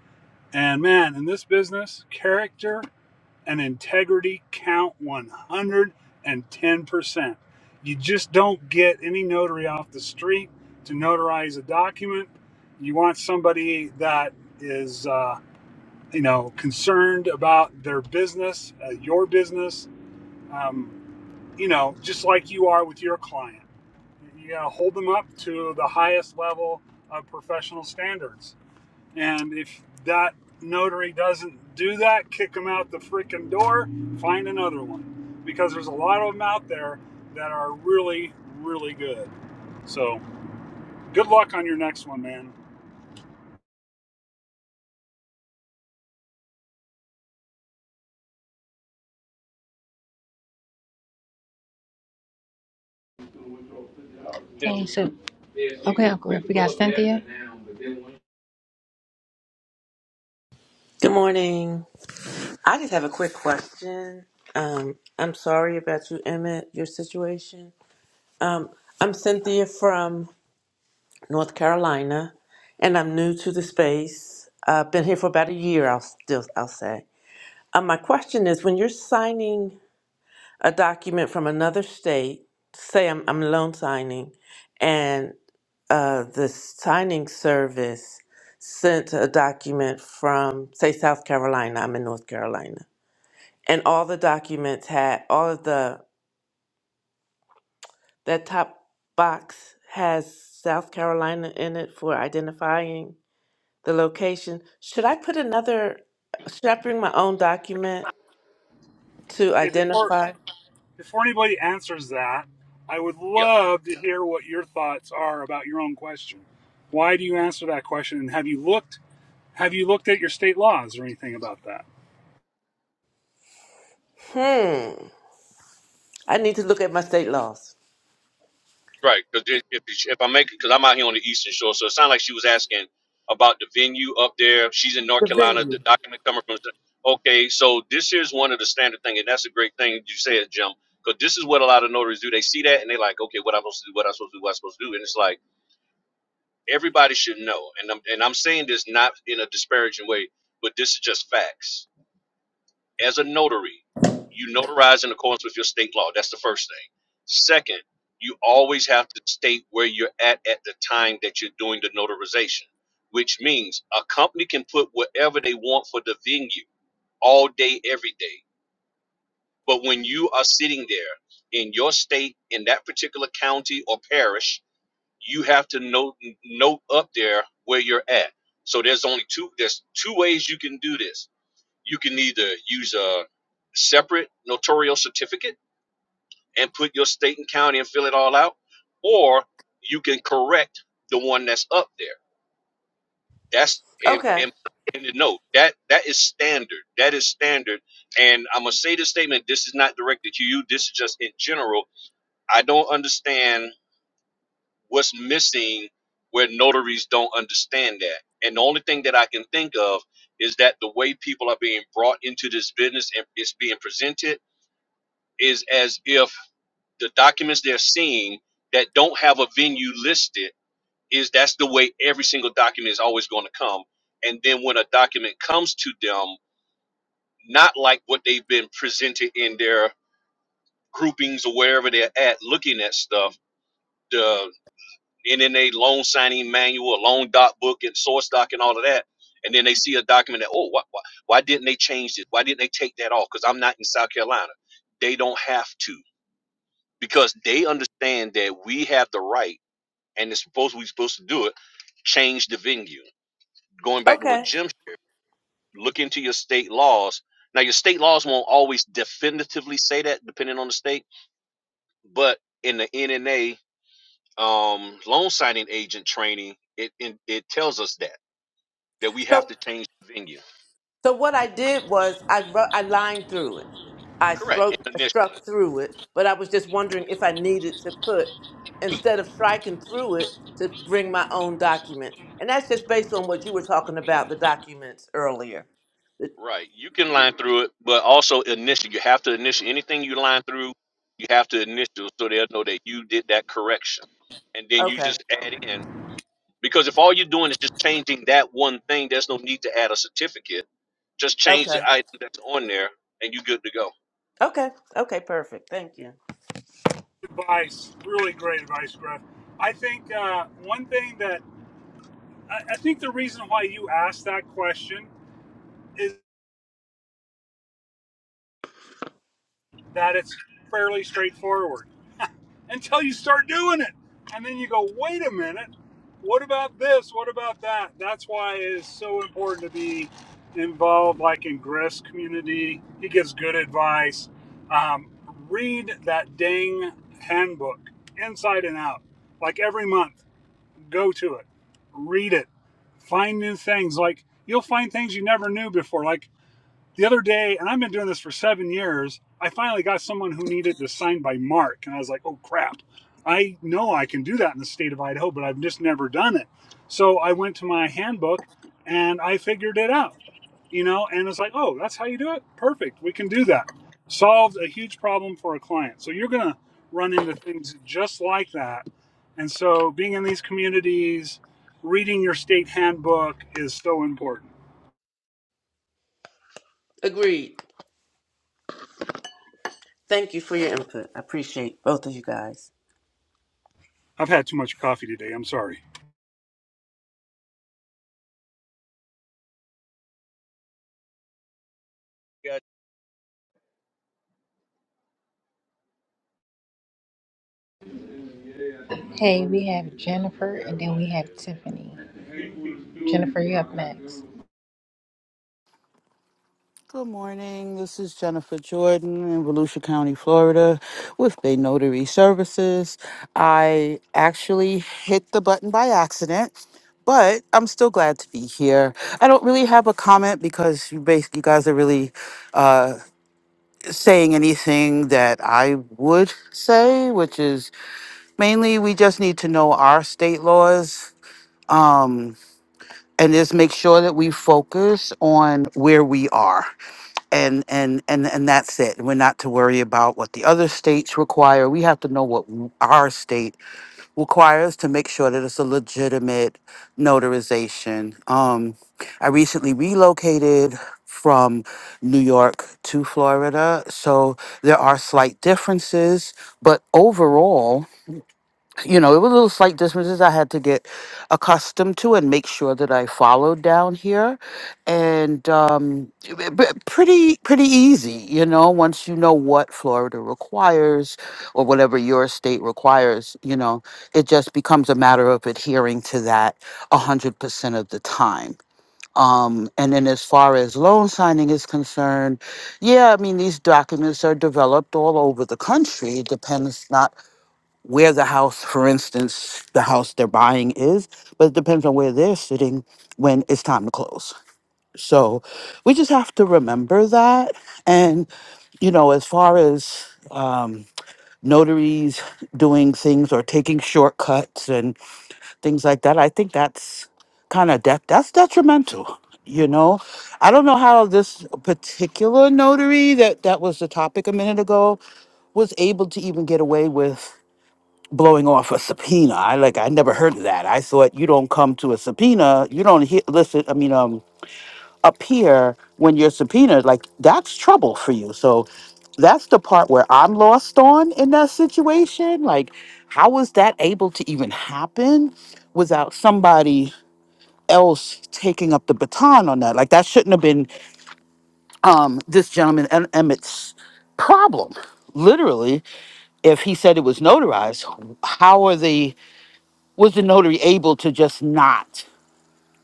and man in this business character and integrity count 110%. You just don't get any notary off the street to notarize a document. You want somebody that is, uh, you know, concerned about their business, uh, your business, um, you know, just like you are with your client. You gotta hold them up to the highest level of professional standards. And if that notary doesn't do that, kick them out the freaking door, find another one. Because there's a lot of them out there that are really, really good. So good luck on your next one, man. Yeah. Hey, so, okay, Uncle Griff, we got Cynthia. Good morning. I just have a quick question. Um, I'm sorry about you, Emmett, your situation. I'm Cynthia from North Carolina, and I'm new to the space. I've been here for about a year. I'll still I'll say. Um, my question is: When you're signing a document from another state, say I'm I'm loan signing, and uh, the signing service sent a document from say South Carolina. I'm in North Carolina and all the documents had all of the that top box has South Carolina in it for identifying the location. Should I put another should I bring my own document to Hey, before identify? before anybody answers that, I would love to hear what your thoughts are about your own question. Why do you answer that question? And have you looked have you looked at your state laws or anything about that? Hmm. I need to look at my state laws. Right, because if if I make because I'm out here on the Eastern Shore, so it sounded like she was asking about the venue up there. She's in North The Carolina. venue. The document coming from okay, so this is one of the standard thing, and that's a great thing you said, Jim, because this is what a lot of notaries do. They see that and they like, okay, what I'm supposed to do, what I'm supposed to do, what I'm supposed to do, and it's like everybody should know. And I'm and I'm saying this not in a disparaging way, but this is just facts as a notary, you notarize in accordance with your state law. That's the first thing. Second, you always have to state where you're at at the time that you're doing the notarization, which means a company can put whatever they want for the venue all day, every day. But when you are sitting there in your state, in that particular county or parish, you have to note note up there where you're at. So there's only two there's two ways you can do this you can either use a separate notarial certificate and put your state and county and fill it all out, or you can correct the one that's up there. That's and Okay. and, and the note that that is standard. That is standard. And I'm gonna say this statement. This is not directed to you. This is just in general. I don't understand what's missing where notaries don't understand that. And the only thing that I can think of is that the way people are being brought into this business and it's being presented is as if the documents they're seeing that don't have a venue listed is that's the way every single document is always going to come and then when a document comes to them not like what they've been presented in their groupings or wherever they're at looking at stuff the nna loan signing manual loan doc book and source doc and all of that and then they see a document that oh why, why, why didn't they change this why didn't they take that off because i'm not in south carolina they don't have to because they understand that we have the right, and it's supposed we're supposed to do it. Change the venue. Going back to what Okay. Jim, look into your state laws. Now, your state laws won't always definitively say that, depending on the state. But in the NNA um, loan signing agent training, it, it it tells us that that we So have to change the venue. So what I did was I ru- I lined through it. I Correct. struck Initially. struck through it, but I was just wondering if I needed to put instead of striking through it to bring my own document. And that's just based on what you were talking about the documents earlier. It- Right. You can line through it, but also initial. You have to initial anything you line through. You have to initial so they'll know that you did that correction, and then you Okay. just add in. Because if all you're doing is just changing that one thing, there's no need to add a certificate. Just change Okay. the item that's on there, and you're good to go. Okay. Okay, perfect. Thank you. Advice, really great advice, Griff. I think uh, one thing that I, I think the reason why you asked that question is that it's fairly straightforward until you start doing it. And then you go, wait a minute, what about this? What about that? That's why it is so important to be involved, like in Griff's community. He gives good advice. Um, read that dang handbook inside and out, like every month. Go to it, read it, find new things. Like you'll find things you never knew before. Like the other day, and I've been doing this for seven years, I finally got someone who needed this signed by Mark. And I was like, oh crap, I know I can do that in the state of Idaho, but I've just never done it. So I went to my handbook and I figured it out, you know, and it's like, oh, that's how you do it? Perfect. We can do that. Solved a huge problem for a client. So you're going to run into things just like that. And so being in these communities, reading your state handbook is so important. Agreed. Thank you for your input. I appreciate both of you guys. I've had too much coffee today. I'm sorry. Got Hey, we have Jennifer, and then we have Tiffany. Jennifer, you up next. Good morning. This is Jennifer Jordan in Volusia County, Florida, with Bay Notary Services. I actually hit the button by accident, but I'm still glad to be here. I don't really have a comment because you basically you guys are really uh, saying anything that I would say, which is mainly we just need to know our state laws um, and just make sure that we focus on where we are and and and and that's it we're not to worry about what the other states require we have to know what w- our state requires to make sure that it's a legitimate notarization um i recently relocated from new york to florida so there are slight differences but overall you know, it was little slight differences I had to get accustomed to and make sure that I followed down here, and um, b- b- pretty pretty easy, you know. Once you know what Florida requires, or whatever your state requires, you know, it just becomes a matter of adhering to that a one hundred percent of the time. Um, and then, as far as loan signing is concerned, yeah, I mean these documents are developed all over the country. It depends not where the house, for instance, the house they're buying is, but it depends on where they're sitting when it's time to close. So we just have to remember that. And, you know, as far as um, notaries doing things or taking shortcuts and things like that, I think that's kind of de- that's detrimental. You know, I don't know how this particular notary that that was the topic a minute ago was able to even get away with blowing off a subpoena. I like I never heard of that. I thought you don't come to a subpoena, you don't hear, listen. I mean, um, appear when you're subpoenaed. Like that's trouble for you. So that's the part where I'm lost on in that situation. Like, how was that able to even happen without somebody? else taking up the baton on that like that shouldn't have been um this gentleman Em- emmett's problem literally if he said it was notarized how are the was the notary able to just not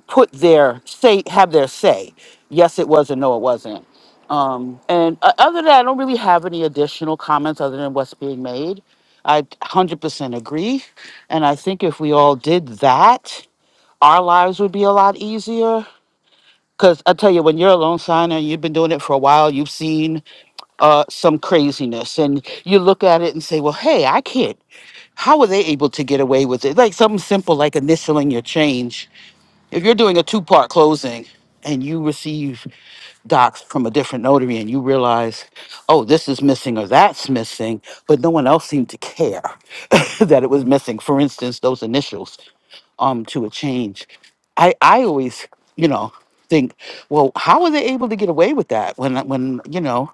put their say have their say yes it was and no it wasn't um, and uh, other than that i don't really have any additional comments other than what's being made i 100% agree and i think if we all did that our lives would be a lot easier because i tell you when you're a loan signer and you've been doing it for a while you've seen uh, some craziness and you look at it and say well hey i can't how were they able to get away with it like something simple like initialing your change if you're doing a two part closing and you receive docs from a different notary and you realize, oh, this is missing or that's missing, but no one else seemed to care that it was missing. For instance, those initials um, to a change. I, I always, you know, think, well, how are they able to get away with that? When, when you know,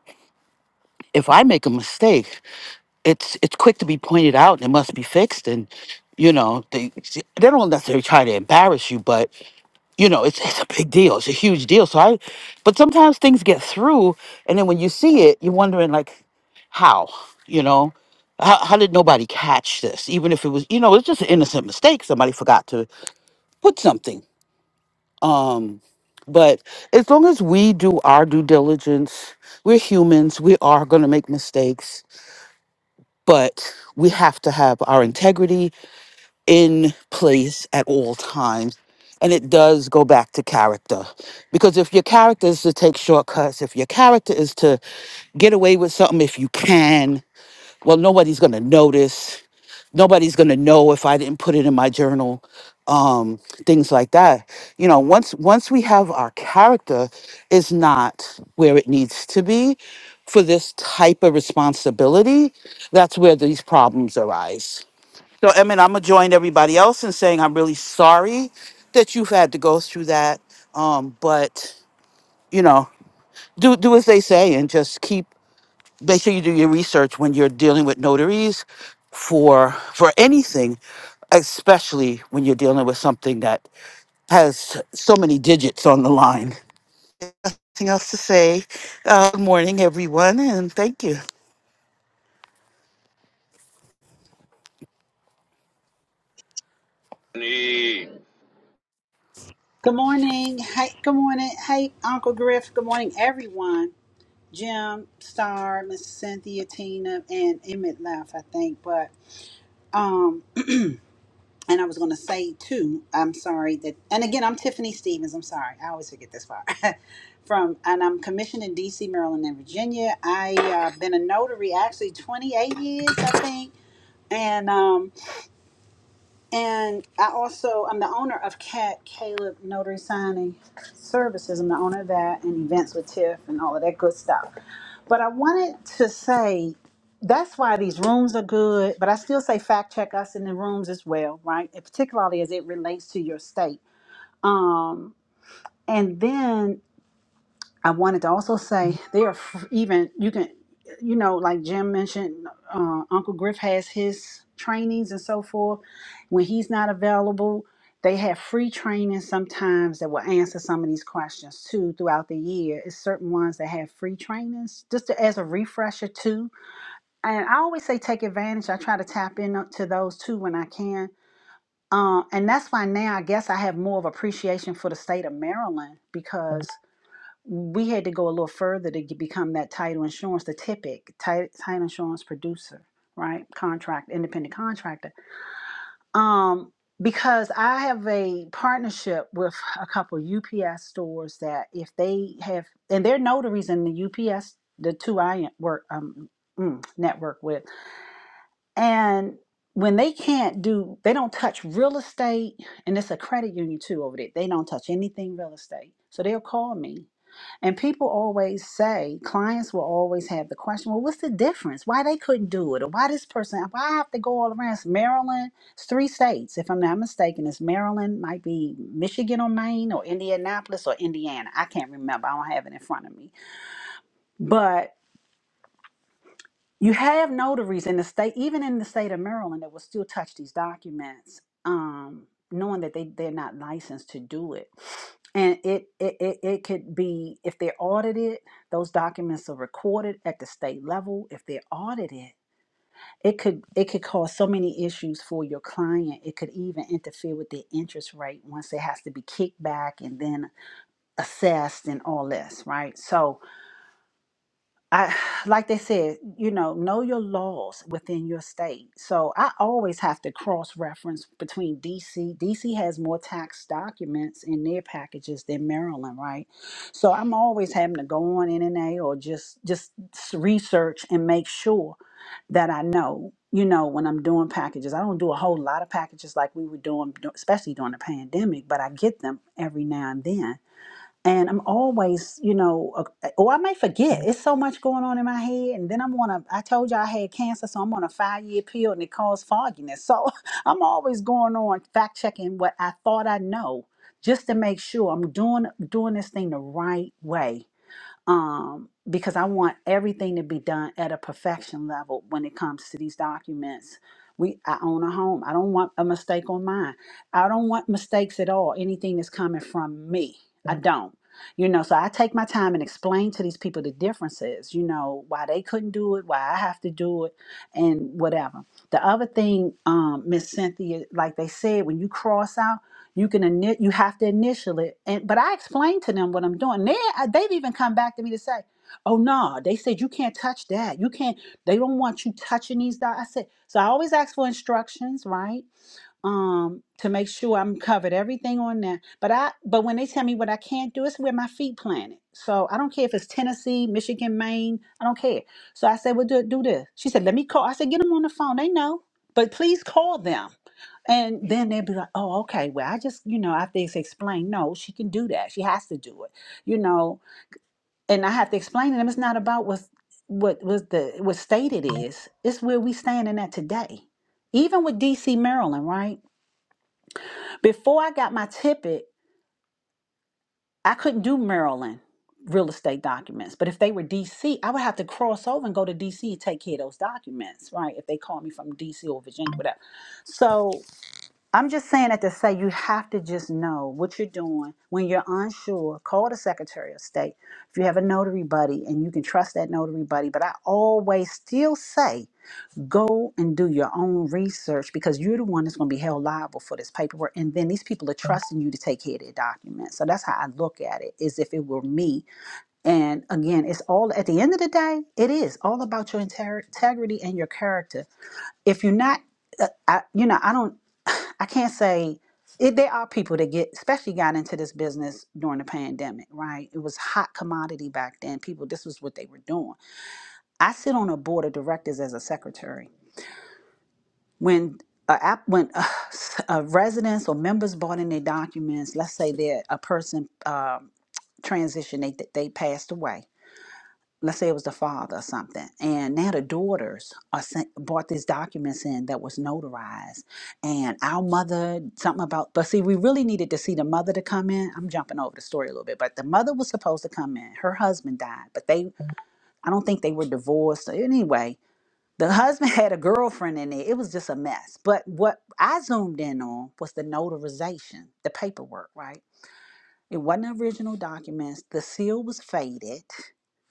if I make a mistake, it's it's quick to be pointed out and it must be fixed. And you know, they they don't necessarily try to embarrass you, but you know, it's it's a big deal. It's a huge deal. So I, but sometimes things get through, and then when you see it, you're wondering like, how, you know, how how did nobody catch this? Even if it was, you know, it's just an innocent mistake. Somebody forgot to put something. Um, but as long as we do our due diligence, we're humans. We are going to make mistakes, but we have to have our integrity in place at all times. And it does go back to character. Because if your character is to take shortcuts, if your character is to get away with something if you can, well, nobody's going to notice. Nobody's going to know if I didn't put it in my journal, um, things like that. You know, once once we have our character is not where it needs to be for this type of responsibility, that's where these problems arise so, Emmett, I'm gonna join everybody else in saying I'm really sorry that you've had to go through that. Um, but you know, do do as they say and just keep. Make sure you do your research when you're dealing with notaries for for anything, especially when you're dealing with something that has so many digits on the line. Anything else to say? Uh, good morning, everyone, and thank you. you. Neat. Good morning. Hey, good morning. Hey, Uncle Griff. Good morning, everyone. Jim, Star, Miss Cynthia, Tina, and Emmett left, I think. But um, and I was gonna say too. I'm sorry that. And again, I'm Tiffany Stevens. I'm sorry. I always forget this part. From and I'm commissioned in D.C., Maryland, and Virginia. I uh, been a notary actually 28 years, I think. And um, And I also, I'm the owner of Cat Caleb Notary Signing Services. I'm the owner of that and events with Tiff and all of that good stuff. But I wanted to say that's why these rooms are good, but I still say fact check us in the rooms as well, right? And particularly as it relates to your state. Um, and then I wanted to also say there are f- even you can you know like Jim mentioned uh, Uncle Griff has his trainings and so forth when he's not available they have free trainings sometimes that will answer some of these questions too throughout the year it's certain ones that have free trainings just to, as a refresher too and I always say take advantage I try to tap into those too when I can uh, and that's why now I guess I have more of appreciation for the state of Maryland because we had to go a little further to get, become that title insurance, the TIPIC, title insurance producer, right? Contract, independent contractor. Um, because I have a partnership with a couple UPS stores that if they have, and they're notaries in the UPS, the two I work um, mm, network with and when they can't do, they don't touch real estate, and it's a credit union too over there. They don't touch anything real estate. So they'll call me. And people always say, clients will always have the question, well, what's the difference? Why they couldn't do it? Or why this person, why I have to go all around? It's Maryland, it's three states, if I'm not mistaken. It's Maryland, might be Michigan or Maine or Indianapolis or Indiana. I can't remember. I don't have it in front of me. But you have notaries in the state, even in the state of Maryland, that will still touch these documents, um, knowing that they, they're not licensed to do it. And it, it, it, it could be, if they're audited, those documents are recorded at the state level. If they're audited, it could it could cause so many issues for your client. It could even interfere with their interest rate once it has to be kicked back and then assessed and all this, right? So I like they said, you know, know your laws within your state. So I always have to cross reference between DC. DC has more tax documents in their packages than Maryland, right? So I'm always having to go on NNA or just just s- research and make sure that I know, you know, when I'm doing packages. I don't do a whole lot of packages like we were doing, especially during the pandemic, but I get them every now and then and I'm always, you know, uh, or I may forget. It's so much going on in my head, and then I'm on a. I told you I had cancer, so I'm on a five year pill, and it caused fogginess. So I'm always going on fact checking what I thought I know, just to make sure I'm doing doing this thing the right way um, because I want everything to be done at a perfection level when it comes to these documents. We, I own a home. I don't want a mistake on mine. I don't want mistakes at all. Anything that's coming from me, I don't. You know, so I take my time and explain to these people the differences. You know, why they couldn't do it, why I have to do it, and whatever. The other thing, um, Miss Cynthia, like they said, when you cross out. You can ini- you have to initial it. And but I explained to them what I'm doing. They uh, they've even come back to me to say, "Oh no, they said you can't touch that. You can't. They don't want you touching these." Dots. I said so. I always ask for instructions, right? Um, to make sure I'm covered everything on that. But I but when they tell me what I can't do, it's where my feet planted. So I don't care if it's Tennessee, Michigan, Maine. I don't care. So I said, "Well, do, do this." She said, "Let me call." I said, "Get them on the phone. They know, but please call them." And then they'd be like, oh, okay, well, I just, you know, I have to explain, no, she can do that. She has to do it, you know. And I have to explain to them it's not about what's, what was the what state it is. It's where we standing at today. Even with DC, Maryland, right? Before I got my ticket, I couldn't do Maryland real estate documents. But if they were DC, I would have to cross over and go to DC and take care of those documents, right? If they call me from DC or Virginia, whatever. So I'm just saying that to say you have to just know what you're doing. When you're unsure, call the Secretary of State. If you have a notary buddy and you can trust that notary buddy, but I always still say go and do your own research because you're the one that's going to be held liable for this paperwork. And then these people are trusting you to take care of their documents. So that's how I look at it, as if it were me. And again, it's all at the end of the day, it is all about your inter- integrity and your character if you're not, uh, I, you know, I don't, I can't say it, there are people that get, especially got into this business during the pandemic, right? It was hot commodity back then. People, this was what they were doing. I sit on a board of directors as a secretary. When a app, when uh, a residents or members brought in their documents, let's say that a person um, transitioned, they they passed away let's say it was the father or something, and now the daughters are sent, brought these documents in that was notarized, and our mother something about. But see, we really needed to see the mother to come in. I'm jumping over the story a little bit, but the mother was supposed to come in. Her husband died, but they, I don't think they were divorced. So Anyway, the husband had a girlfriend in it. It was just a mess. But what I zoomed in on was the notarization, the paperwork, right? It wasn't original documents. The seal was faded.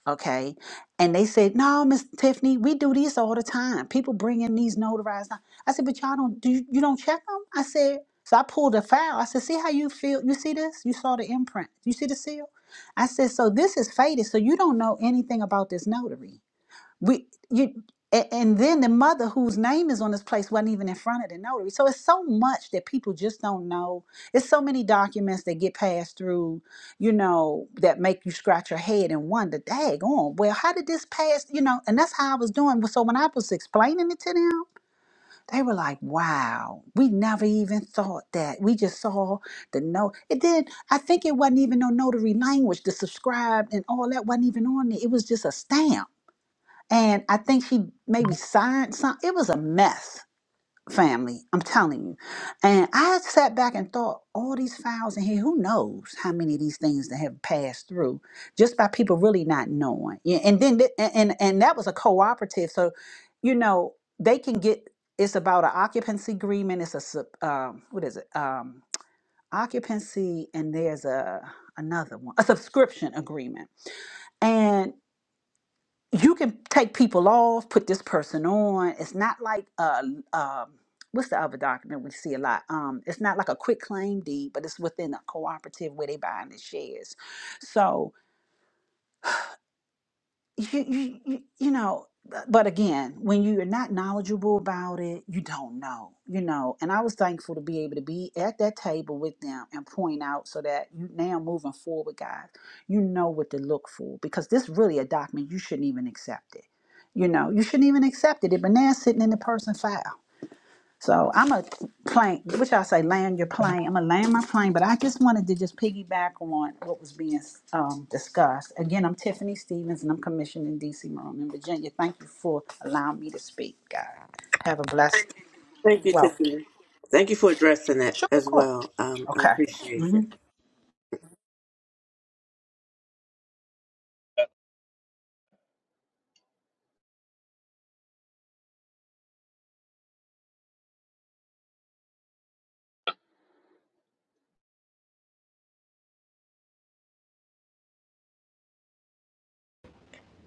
Okay. And they said, No, Miss Tiffany, we do these all the time. People bring in these notarized. doc-" I said, But y'all don't do you, you don't check them? I said, so I pulled a file. I said, see how you feel you see this? You saw the imprint. You see the seal? I said, so this is faded, so you don't know anything about this notary. We you a- and then the mother whose name is on this place wasn't even in front of the notary. So it's so much that people just don't know. It's so many documents that get passed through, you know, that make you scratch your head and wonder, dag on, well, how did this pass? You know, and that's how I was doing. So when I was explaining it to them, they were like, Wow, we never even thought that. We just saw the note. It did I think it wasn't even no notary language. The subscribe and all that wasn't even on there. It was just a stamp and I think she maybe signed some. It was a mess, family. I'm telling you. And I sat back and thought, all these files in here, who knows how many of these things that have passed through just by people really not knowing. Yeah, and then th- and and, and that was a cooperative, so you know they can get. It's about an occupancy agreement. It's a sub- um, what is it? Um, occupancy, and there's a another one, a subscription agreement and you can take people off, put this person on. It's not like uh um what's the other document we see a lot? Um, it's not like a quick claim deed, but it's within a cooperative where they buying the shares. So you, you, you, you know, uh, but again, when you're not knowledgeable about it, you don't know, you know. And I was thankful to be able to be at that table with them and point out so that you now moving forward, guys, you know what to look for because this really a document you shouldn't even accept it. You know, you shouldn't even accept it. It been there sitting in the person's file. So I'm a plane. Which I say? Land your plane. I'm gonna land my plane. But I just wanted to just piggyback on what was being um, discussed. Again, I'm Tiffany Stevens, and I'm commissioned in D.C. Maryland, in Virginia. Thank you for allowing me to speak, guys. Have a blessed Thank you, welcome. Tiffany. Thank you for addressing that Sure, of as course. well. Um, I Okay. appreciate Mhm. you.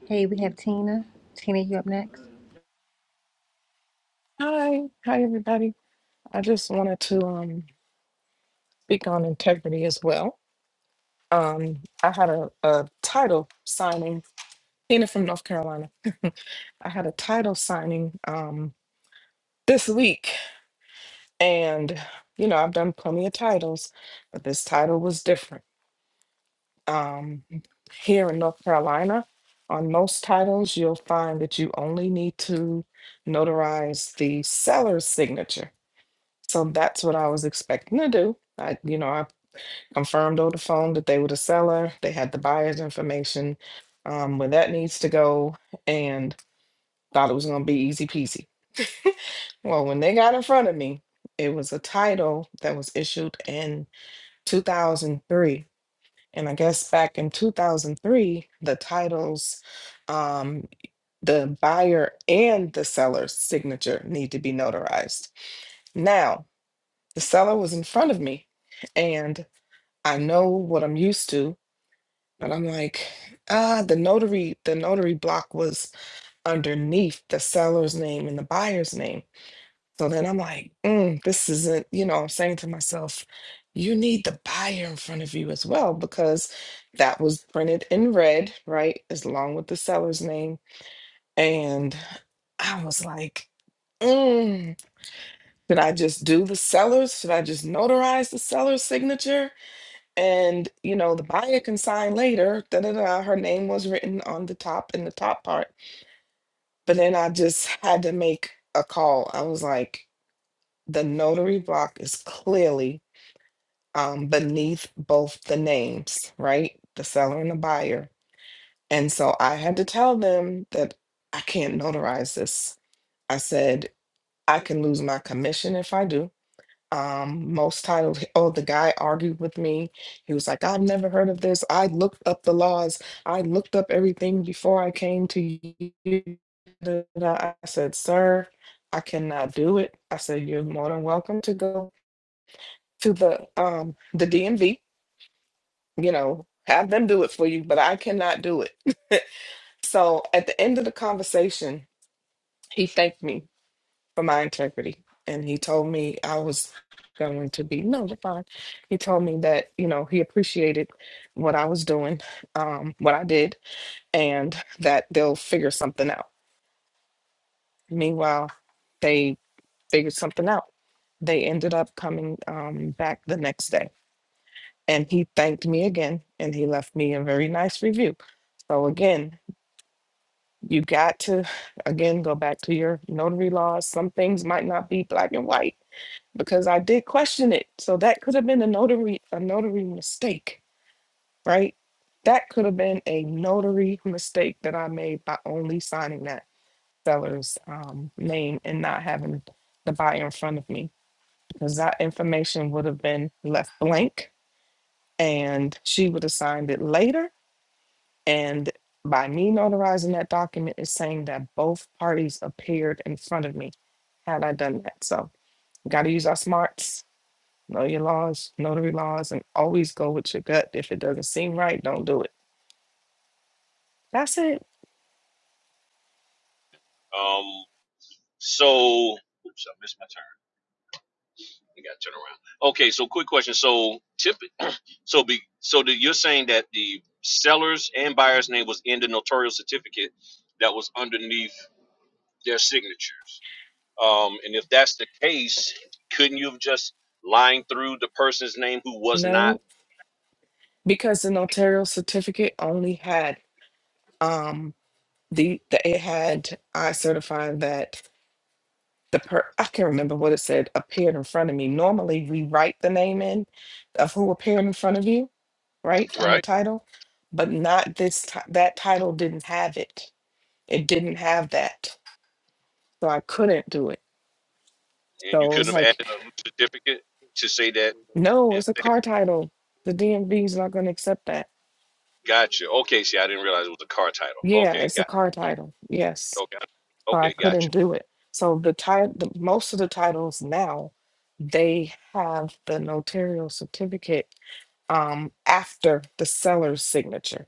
Hey, we have Tina. Tina, you up next. Hi, hi everybody. I just wanted to um, speak on integrity as well. Um, I had a, a title signing, Tina from North Carolina. I had a title signing um, this week, and you know, I've done plenty of titles, but this title was different. Um, here in North Carolina, on most titles, you'll find that you only need to notarize the seller's signature. So that's what I was expecting to do. I, you know, I confirmed over the phone that they were the seller. They had the buyer's information um, where that needs to go and thought it was going to be easy peasy. Well, when they got in front of me, it was a title that was issued in 2003. And I guess back in 2003, the titles, um, the buyer and the seller's signature need to be notarized. Now, the seller was in front of me and I know what I'm used to But I'm like, ah, the notary, the notary block was underneath the seller's name and the buyer's name. So then I'm like, mm, this isn't, you know, I'm saying to myself, you need the buyer in front of you as well, because that was printed in red, right? As long with the seller's name. And I was like, mm, should I just do the seller's? Should I just notarize the seller's signature? And you know, the buyer can sign later. Da da da. Her name was written on the top in the top part. But then I just had to make a call. I was like, the notary block is clearly um, beneath both the names, right? The seller and the buyer. And so I had to tell them that I can't notarize this. I said, I can lose my commission if I do. um most titled oh the guy argued with me he was like i've never heard of this i looked up the laws i looked up everything before i came to you Da, da, da. i said sir i cannot do it i said you're more than welcome to go to the um the dmv you know have them do it for you but i cannot do it so at the end of the conversation he thanked me for my integrity. And he told me I was going to be no, you're fine. He told me that you know he appreciated what I was doing, um, what I did, and that they'll figure something out. Meanwhile, they figured something out. They ended up coming um, back the next day, and he thanked me again, and he left me a very nice review. So again, you got to again go back to your notary laws. Some things might not be black and white because I did question it. So that could have been a notary a notary mistake, right? That could have been a notary mistake that I made by only signing that seller's um, name and not having the buyer in front of me because that information would have been left blank and she would have signed it later. And by me notarizing that document is saying that both parties appeared in front of me had I done that. So got to use our smarts know your laws, notary laws, and always go with your gut. If it doesn't seem right, don't do it. That's it. Um. So. Oops, I missed my turn. I got to turn around. Okay. So quick question. So tip. So be so that you're saying that the seller's and buyer's name was in the notarial certificate that was underneath their signatures. Um, and if that's the case, couldn't you have just lined through the person's name who was not No, because the notarial certificate only had um the, the it had I certified that the per I can't remember what it said appeared in front of me. Normally we write the name in of who appeared in front of you, right, on the right? title, but not this ti- that title didn't have it. It didn't have that. So I couldn't do it. And you So it was couldn't have like added a new certificate to say that No, and it's a say, car title. The DMV is not going to accept that. gotcha. Okay, see, I didn't realize it was a car title. Yeah, Okay, it's a got car title. Yes. okay, So I okay, couldn't gotcha. do it. So the title, the, most of the titles now, they have the notarial certificate um, after the seller's signature,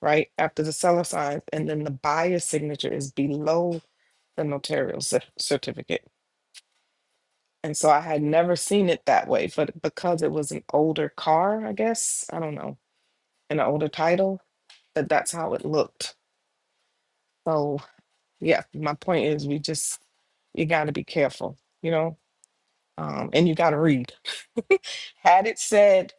right? After the seller signs, and then the buyer's signature is below the notarial cer- certificate. And so I had never seen it that way, but because it was an older car, I guess, I don't know, an older title, but that's how it looked. So yeah, my point is we just you got to be careful, you know, um, and you got to read. Had it said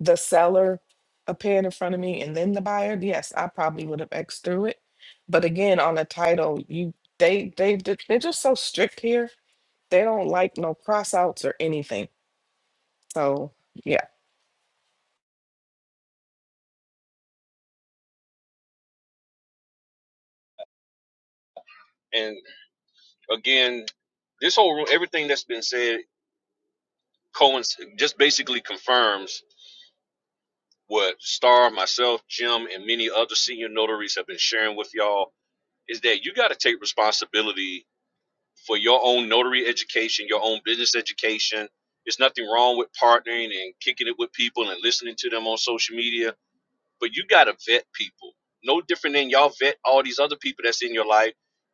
the seller appeared in front of me and then the buyer, yes, I probably would have x through it. But again, on the title, you they they they're just so strict here. They don't like no cross outs or anything. So yeah. And again, this whole ru- everything that's been said coinc- just basically confirms what Star, myself, Jim, and many other senior notaries have been sharing with y'all is that you got to take responsibility for your own notary education, your own business education. There's nothing wrong with partnering and kicking it with people and listening to them on social media but you got to vet people. No different than y'all vet all these other people that's in your life.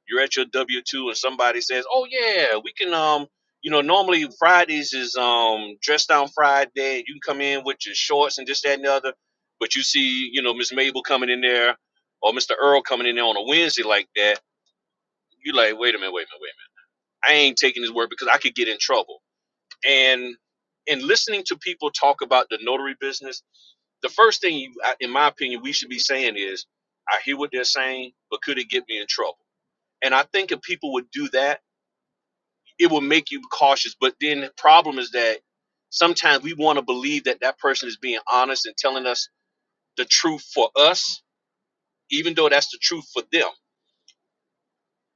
You're at your W two and somebody says, "Oh yeah, we can." Um, you know, normally Fridays is um dress down Friday. You can come in with your shorts and this, that, and the other. But you see, you know, Miss Mabel coming in there or Mr. Earl coming in there on a Wednesday like that. You like, wait a minute, wait a minute, wait a minute. I ain't taking his word because I could get in trouble. And in listening to people talk about the notary business, the first thing, you, in my opinion, we should be saying is, I hear what they're saying, but could it get me in trouble? And I think if people would do that, it will make you cautious. But then the problem is that sometimes we want to believe that that person is being honest and telling us the truth for us, even though that's the truth for them.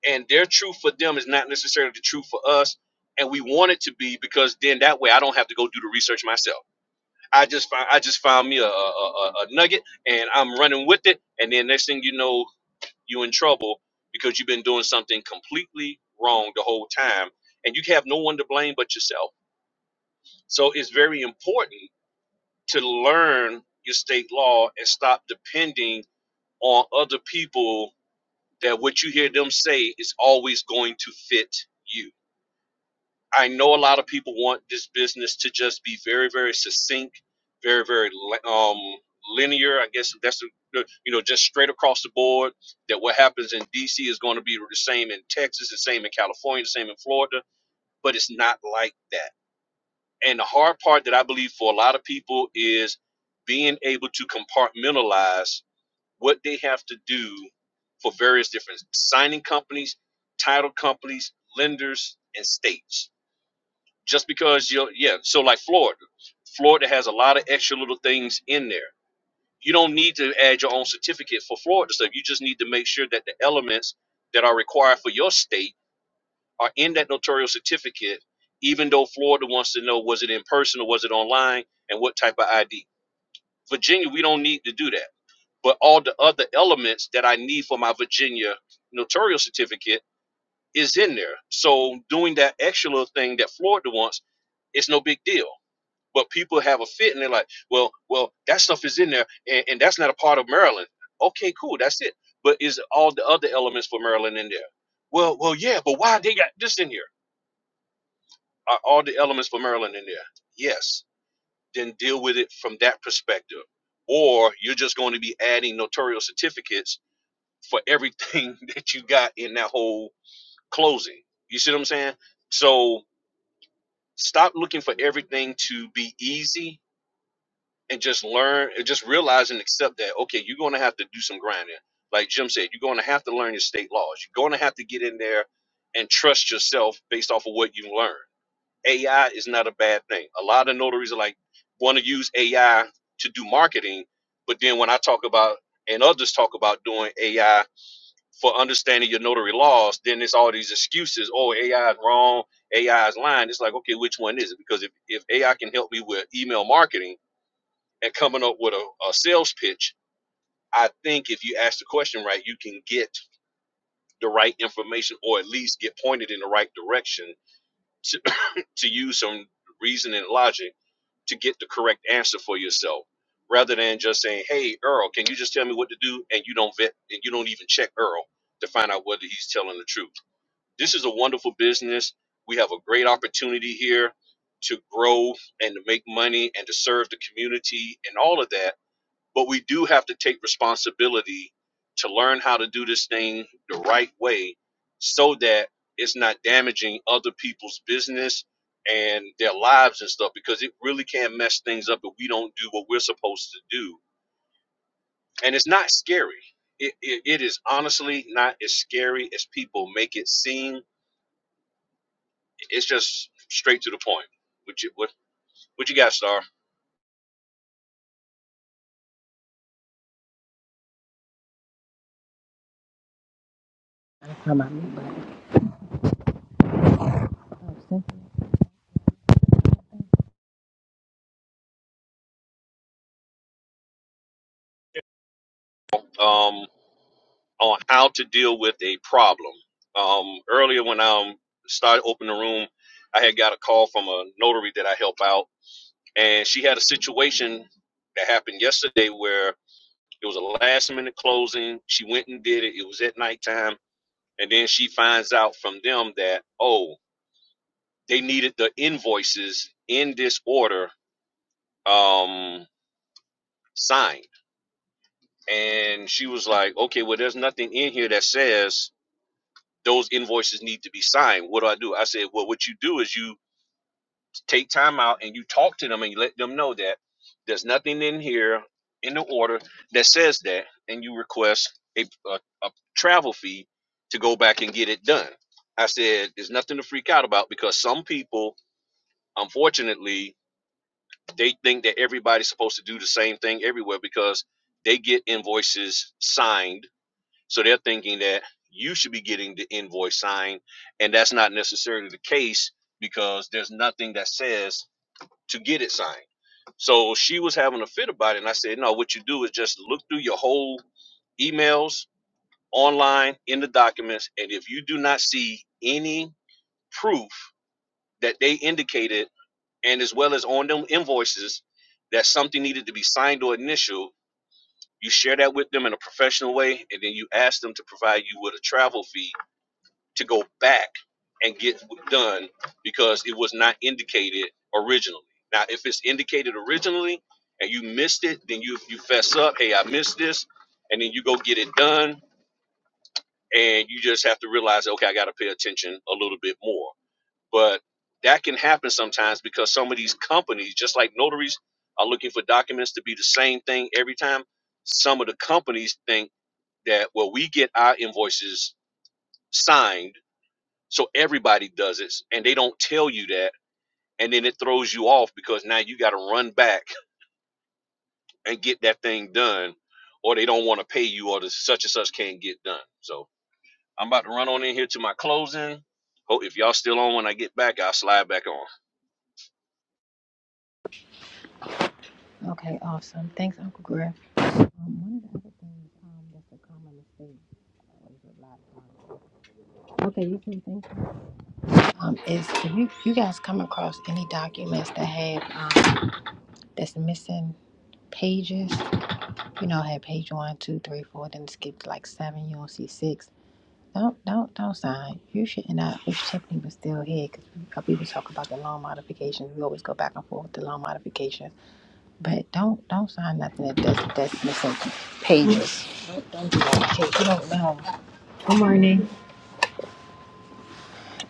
And their truth for them is not necessarily the truth for us. And we want it to be because then that way I don't have to go do the research myself I just found I just found me a, a, a, a nugget and I'm running with it and then next thing you know you in trouble because you've been doing something completely wrong the whole time and you have no one to blame but yourself. So it's very important to learn your state law and stop depending on other people that what you hear them say is always going to fit you I know a lot of people want this business to just be very, very succinct, very, very um, linear. I guess that's you know just straight across the board. That what happens in DC is going to be the same in Texas, the same in California, the same in Florida. But it's not like that. And the hard part that I believe for a lot of people is being able to compartmentalize what they have to do for various different signing companies, title companies, lenders, and states just because you're yeah so like florida florida has a lot of extra little things in there you don't need to add your own certificate for florida stuff you just need to make sure that the elements that are required for your state are in that notarial certificate even though florida wants to know was it in person or was it online and what type of id virginia we don't need to do that but all the other elements that i need for my virginia notarial certificate is in there so doing that extra little thing that florida wants it's no big deal but people have a fit and they're like, well, well, that stuff is in there and, and that's not a part of Maryland. Okay, cool, that's it. But is all the other elements for Maryland in there? Well, well, yeah, but why they got this in here? Are all the elements for Maryland in there? Yes. Then deal with it from that perspective. Or you're just going to be adding notarial certificates for everything that you got in that whole closing. You see what I'm saying? So stop looking for everything to be easy and just learn and just realize and accept that okay you're going to have to do some grinding like jim said you're going to have to learn your state laws you're going to have to get in there and trust yourself based off of what you've learned ai is not a bad thing a lot of notaries are like want to use ai to do marketing but then when i talk about and others talk about doing ai for understanding your notary laws then it's all these excuses oh ai is wrong ai is lying it's like okay which one is it because if, if ai can help me with email marketing and coming up with a, a sales pitch, I think if you ask the question right, you can get the right information or at least get pointed in the right direction to, to use some reason and logic to get the correct answer for yourself rather than just saying, hey, Earl, can you just tell me what to do? And you don't vet and you don't even check Earl to find out whether he's telling the truth. This is a wonderful business. We have a great opportunity here to grow and to make money and to serve the community and all of that but we do have to take responsibility to learn how to do this thing the right way so that it's not damaging other people's business and their lives and stuff because it really can mess things up if we don't do what we're supposed to do and it's not scary it, it, it is honestly not as scary as people make it seem it's just straight to the point what you what, what you got star Am I muted? um on how to deal with a problem. Um, earlier, when I um, started opening the room, I had got a call from a notary that I help out, and she had a situation that happened yesterday where it was a last minute closing. She went and did it, it was at nighttime, and then she finds out from them that, oh, they needed the invoices in this order um, signed. And she was like, okay, well, there's nothing in here that says those invoices need to be signed. What do I do? I said, well, what you do is you take time out and you talk to them and you let them know that there's nothing in here in the order that says that, and you request a, a, a travel fee to go back and get it done. I said, there's nothing to freak out about because some people, unfortunately, they think that everybody's supposed to do the same thing everywhere because they get invoices signed so they're thinking that you should be getting the invoice signed, and that's not necessarily the case because there's nothing that says to get it signed. So she was having a fit about it, and I said, No, what you do is just look through your whole emails, online, in the documents, and if you do not see any proof that they indicated, and as well as on them invoices, that something needed to be signed or initial, you share that with them in a professional way, and then you ask them to provide you with a travel fee to go back and get done because it was not indicated originally. Now, if it's indicated originally and you missed it, then you you fess up, hey, I missed this, and then you go get it done, and you just have to realize, okay, I got to pay attention a little bit more. But that can happen sometimes because some of these companies, just like notaries, are looking for documents to be the same thing every time. Some of the companies think that well, we get our invoices signed so everybody does it and they don't tell you that. And then it throws you off because now you got to run back and get that thing done or they don't want to pay you or the such and such can't get done. So I'm about to run on in here to my closing. Hope if y'all still on when I get back, I'll slide back on. Okay, awesome. Thanks, Uncle Griff. Um, one of the other things um, that's a common mistake. Okay, you can think. um, is if you, you guys come across any documents that have um, that's missing pages, you know, had page one, two, three, four, then skipped like seven, you don't see six. Don't don't don't sign. You should not I wish Tiffany was still here because people talk about the loan modifications. We always go back and forth with the loan modifications, but don't don't sign nothing that that's, that's missing pages. Don't, don't do that. Okay, you don't know. Good morning.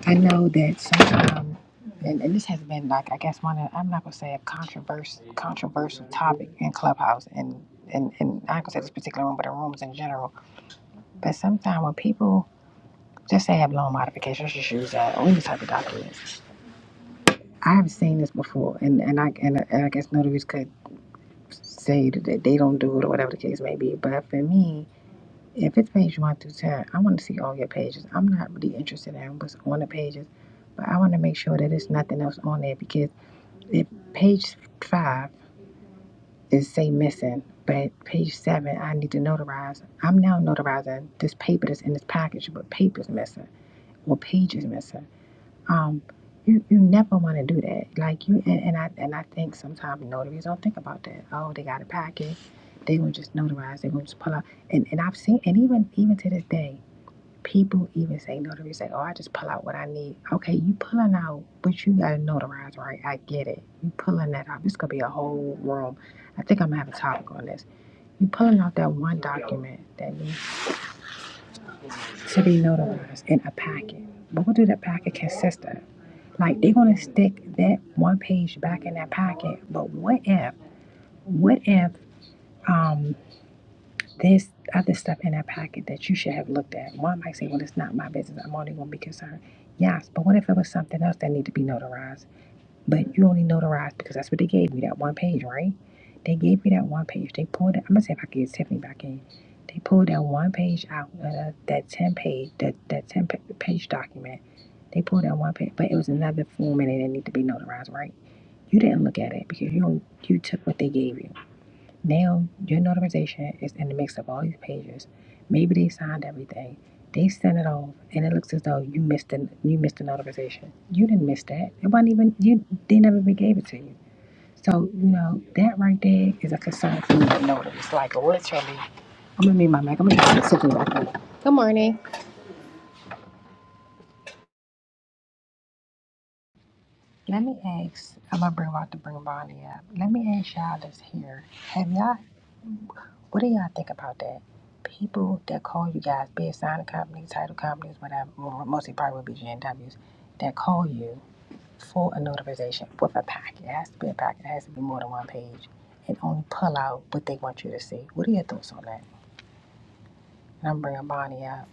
I know that sometimes, and, and this has been like I guess one of I'm not gonna say a controversial controversial topic in Clubhouse and and and I ain't gonna say this particular room, but in rooms in general. But sometimes when people just say have loan modifications, just use that or any type of documents. I've seen this before, and and I and, I- and I guess notaries could say that they don't do it or whatever the case may be. But for me, If it's page one through ten, I want to see all your pages. I'm not really interested in what's on the pages, but I want to make sure that there's nothing else on there because if page five is say missing, but page seven I need to notarize. I'm now notarizing this paper that's in this package, but paper's missing or page is missing. Um, you you never want to do that. Like you and, and I and I think sometimes notaries don't think about that. Oh, they got a package. They gonna just notarize. They gonna just pull out. And and I've seen and even even to this day People even say notaries say, "Oh, I just pull out what I need." Okay, you pulling out, but you gotta notarize, right? I get it. You pulling that out. This could be a whole room. I think I'm gonna have a topic on this. You pulling out that one document that needs to be notarized in a packet. But what do that packet consist of? Like they're gonna stick that one page back in that packet. But what if? What if? um, There's other stuff in that packet that you should have looked at. One might say, well, it's not my business. I'm only going to be concerned. Yes, but what if it was something else that needed to be notarized? But you only notarized because that's what they gave you, that one page, right? They gave me that one page. They pulled it. I'm going to see if I can get Tiffany back in. They pulled that one page out, uh, that 10 page, that, that 10 page document. They pulled that one page, but it was another form and it didn't need to be notarized, right? You didn't look at it because you, only, you took what they gave you. Now your notarization is in the mix of all these pages. Maybe they signed everything. They sent it off, and it looks as though you missed the you missed the notarization. You didn't miss that. It wasn't even you. They never even gave it to you. So you know that right there is a concern for me to notice. Like literally, I'm gonna mute my mic. I'm gonna just sit here right quick. Let me ask. I'm gonna bring out the bring Bonnie up. Let me ask y'all this here. Have y'all What do y'all think about that? People that call you guys big signing companies, title companies, whatever, well, mostly probably would be GNWs, that call you for a notarization with a packet. It has to be a packet, it has to be more than one page, and only pull out what they want you to see. What are your thoughts on that? And I'm bringing Bonnie up.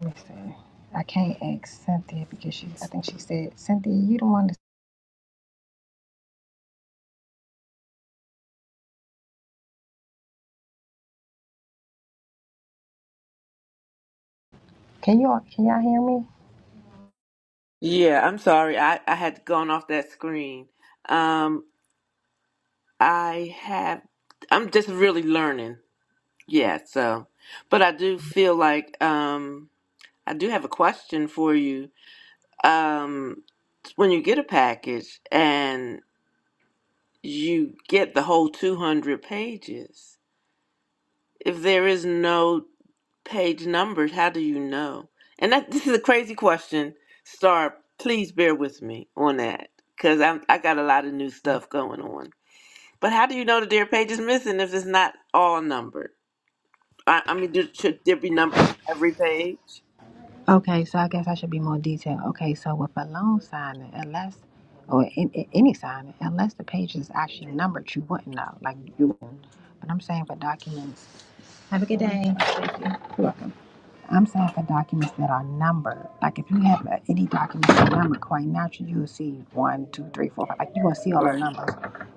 Let me see. I can't ask Cynthia because she, I think she said, Cynthia, you the one that, can you all can y'all hear me? Yeah, I'm sorry. I, I had gone off that screen. Um, I have, I'm just really learning. Yeah, so, but I do feel like, um, I do have a question for you. Um, when you get a package and you get the whole 200 pages, if there is no page numbers, how do you know? And that, this is a crazy question. Star, please bear with me on that because I'm I got a lot of new stuff going on. But how do you know that their page is missing if it's not all numbered? I, I mean, do, should there be numbers on every page? Okay, so I guess I should be more detailed. Okay, so with a loan signing, unless or in, in- any signing, unless the page is actually numbered, you wouldn't know. Like you, wouldn't. but I'm saying for documents. Have a good day. You're welcome. I'm saying for documents that are numbered. Like if you have uh, any documents that are numbered, quite naturally you'll see one, two, three, four, five. Like you gonna see all the Or numbers.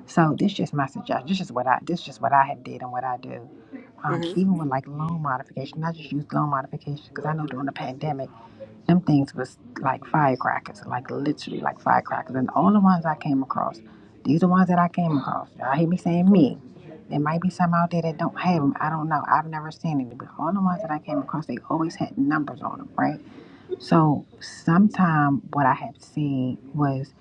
So this just my suggestion. This is what I this is just what I have did and what I do. Um, hmm even with like loan modification, I just use loan modification because I know during the pandemic. Them things was like firecrackers, like literally like firecrackers. And all the ones I came across, these are the ones that I came across. Y'all hear me saying me. There might be some out there that don't have them. I don't know. I've never seen any. But all the ones that I came across, they always had numbers on them, right? So sometime what I had seen was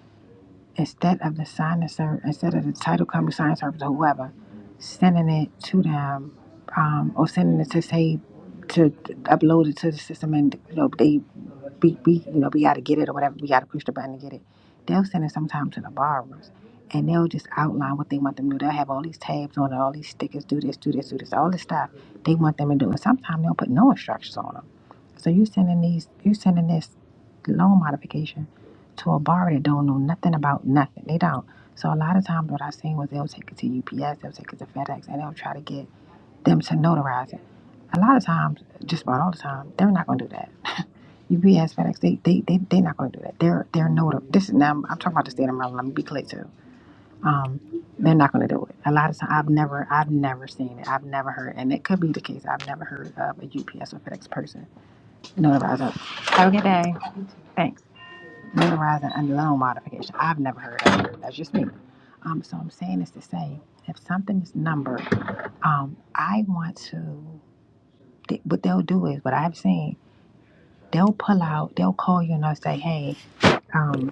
instead of the sign of service, instead of the title company sign of service or whoever, sending it to them um, or sending it to say to upload it to the system and you know they we, we you know, we got to get it or whatever. We got to push the button to get it. They'll send it sometimes to the borrowers, and they'll just outline what they want them to do. They'll have all these tabs on it, all these stickers, do this, do this, do this, all this stuff they want them to do. And sometimes they'll put no instructions on them. So you sending these, you sending this loan modification to a borrower that don't know nothing about nothing. They don't. So a lot of times what I've seen was they'll take it to UPS, they'll take it to FedEx, and they'll try to get them to notarize it. A lot of times, just about all the time, they're not going to do that UPS, FedEx, they they they they're not going to do that. They're they're noti This is now I'm, talking about the state of Maryland. Let me be clear too. Um, they're not going to do it. A lot of times I've never I've never seen it. I've never heard, and it could be the case. I've never heard of a UPS or FedEx person notarizing. Have a good day. Thanks. Notarizing a loan modification. I've never heard of it. That's just me. Um, so I'm saying this to say, if something is numbered, um, I want to. They, what they'll do is what I've seen. They'll pull out. They'll call you and they'll say, hey. um.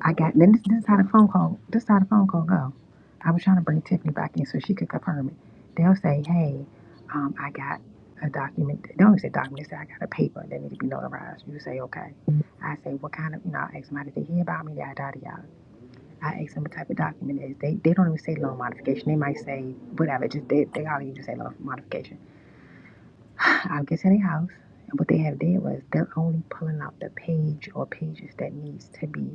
I got then this, this is how the phone call this is how the phone call go. I was trying to bring Tiffany back in so she could confirm it. They'll say, Hey, um, I got a document they don't even say document, they say I got a paper that need to be notarized. You say, Okay. I say, What kind of you know, I ask them how did they hear about me, yada yada yada. I ask them what type of document it is. They they don't even say loan modification. They might say whatever, just they they all even say loan modification. I'll get to their house and what they have there was they're only pulling out the page or pages that needs to be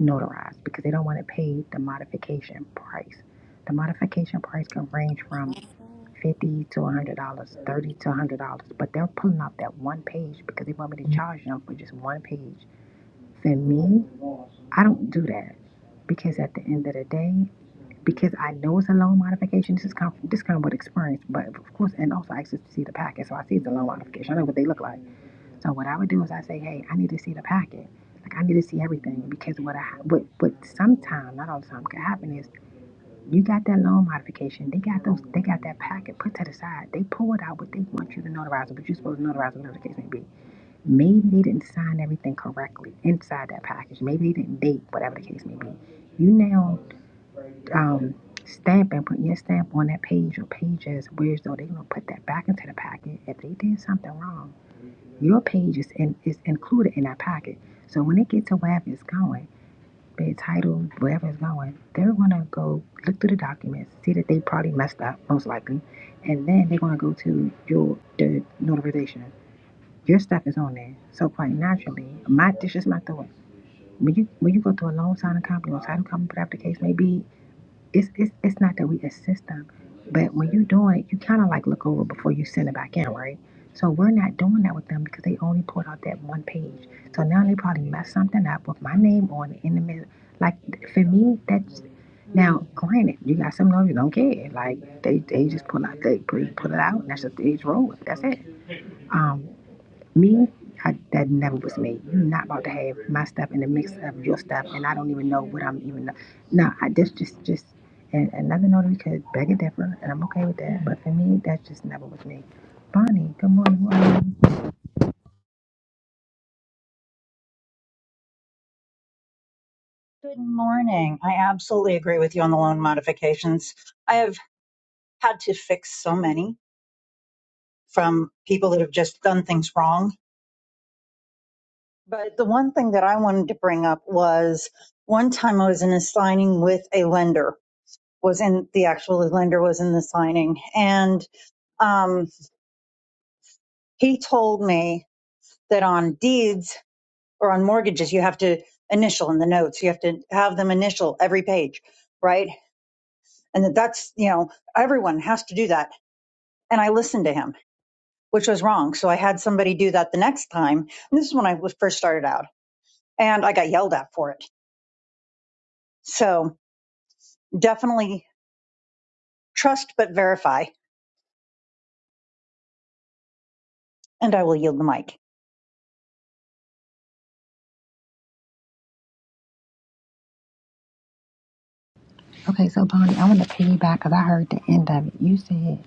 notarized because they don't want to pay the modification price. The modification price can range from Mhm. fifty to one hundred dollars, thirty to one hundred dollars, but they're pulling out that one page because they want me to charge them for just one page. For me, I don't do that because at the end of the day, because I know it's a loan modification. This is come this come what experience, but of course, and also I actually see the package, so I see the loan modification. I know what they look like. So what I would do is I say, hey, I need to see the packet. Like I need to see everything because what I what what sometime not all the time could happen is you got that loan modification. They got those. They got that packet put to the side. They pulled out what they want you to notarize, but you're supposed to notarize whatever the case may be. Maybe they didn't sign everything correctly inside that package. Maybe they didn't date whatever the case may be. You now um, stamp and put your stamp on that page or pages. Whereas though they're gonna put that back into the packet if they did something wrong. Your page is, in, is included in that packet. So when it gets to wherever it's going, be it title, wherever it's going, they're going to go look through the documents, see that they probably messed up, most likely, and then they're going to go to your the notification. Your stuff is on there. So quite naturally, my this is my thought. When you when you go through a loan signing company or title company, whatever the case may be it's it's it's not that we assist them, but when you're doing it, you kind of like look over before you send it back in, right? So we're not doing that with them because they only put out that one page. So now they probably messed something up with my name on it in the middle. Like for me, that's now granted, you got some of you don't care. Like they, they just pull out they put put it out and that's just they just roll with it. That's it. Um, me, I, that never was me. You're not about to have my stuff in the mix of your stuff, and I don't even know what I'm even. No, I just, just, just, and another notary could beg a differ, and I'm okay with that. But for me, that just never was me. Bonnie, good morning. Who are you? Good morning. I absolutely agree with you on the loan modifications. I have had to fix so many from people that have just done things wrong. But the one thing that I wanted to bring up was one time I was in a signing with a lender, was in the actual lender was in the signing. And um, he told me that on deeds or on mortgages, you have to initial in the notes, you have to have them initial every page, right? And that that's, you know, everyone has to do that and I listened to him, which was wrong. So I had somebody do that the next time. And this is when I was first started out and I got yelled at for it. So definitely trust, but verify. And I will yield the mic. Okay, so Bonnie, I want to piggyback because I heard the end of it. You said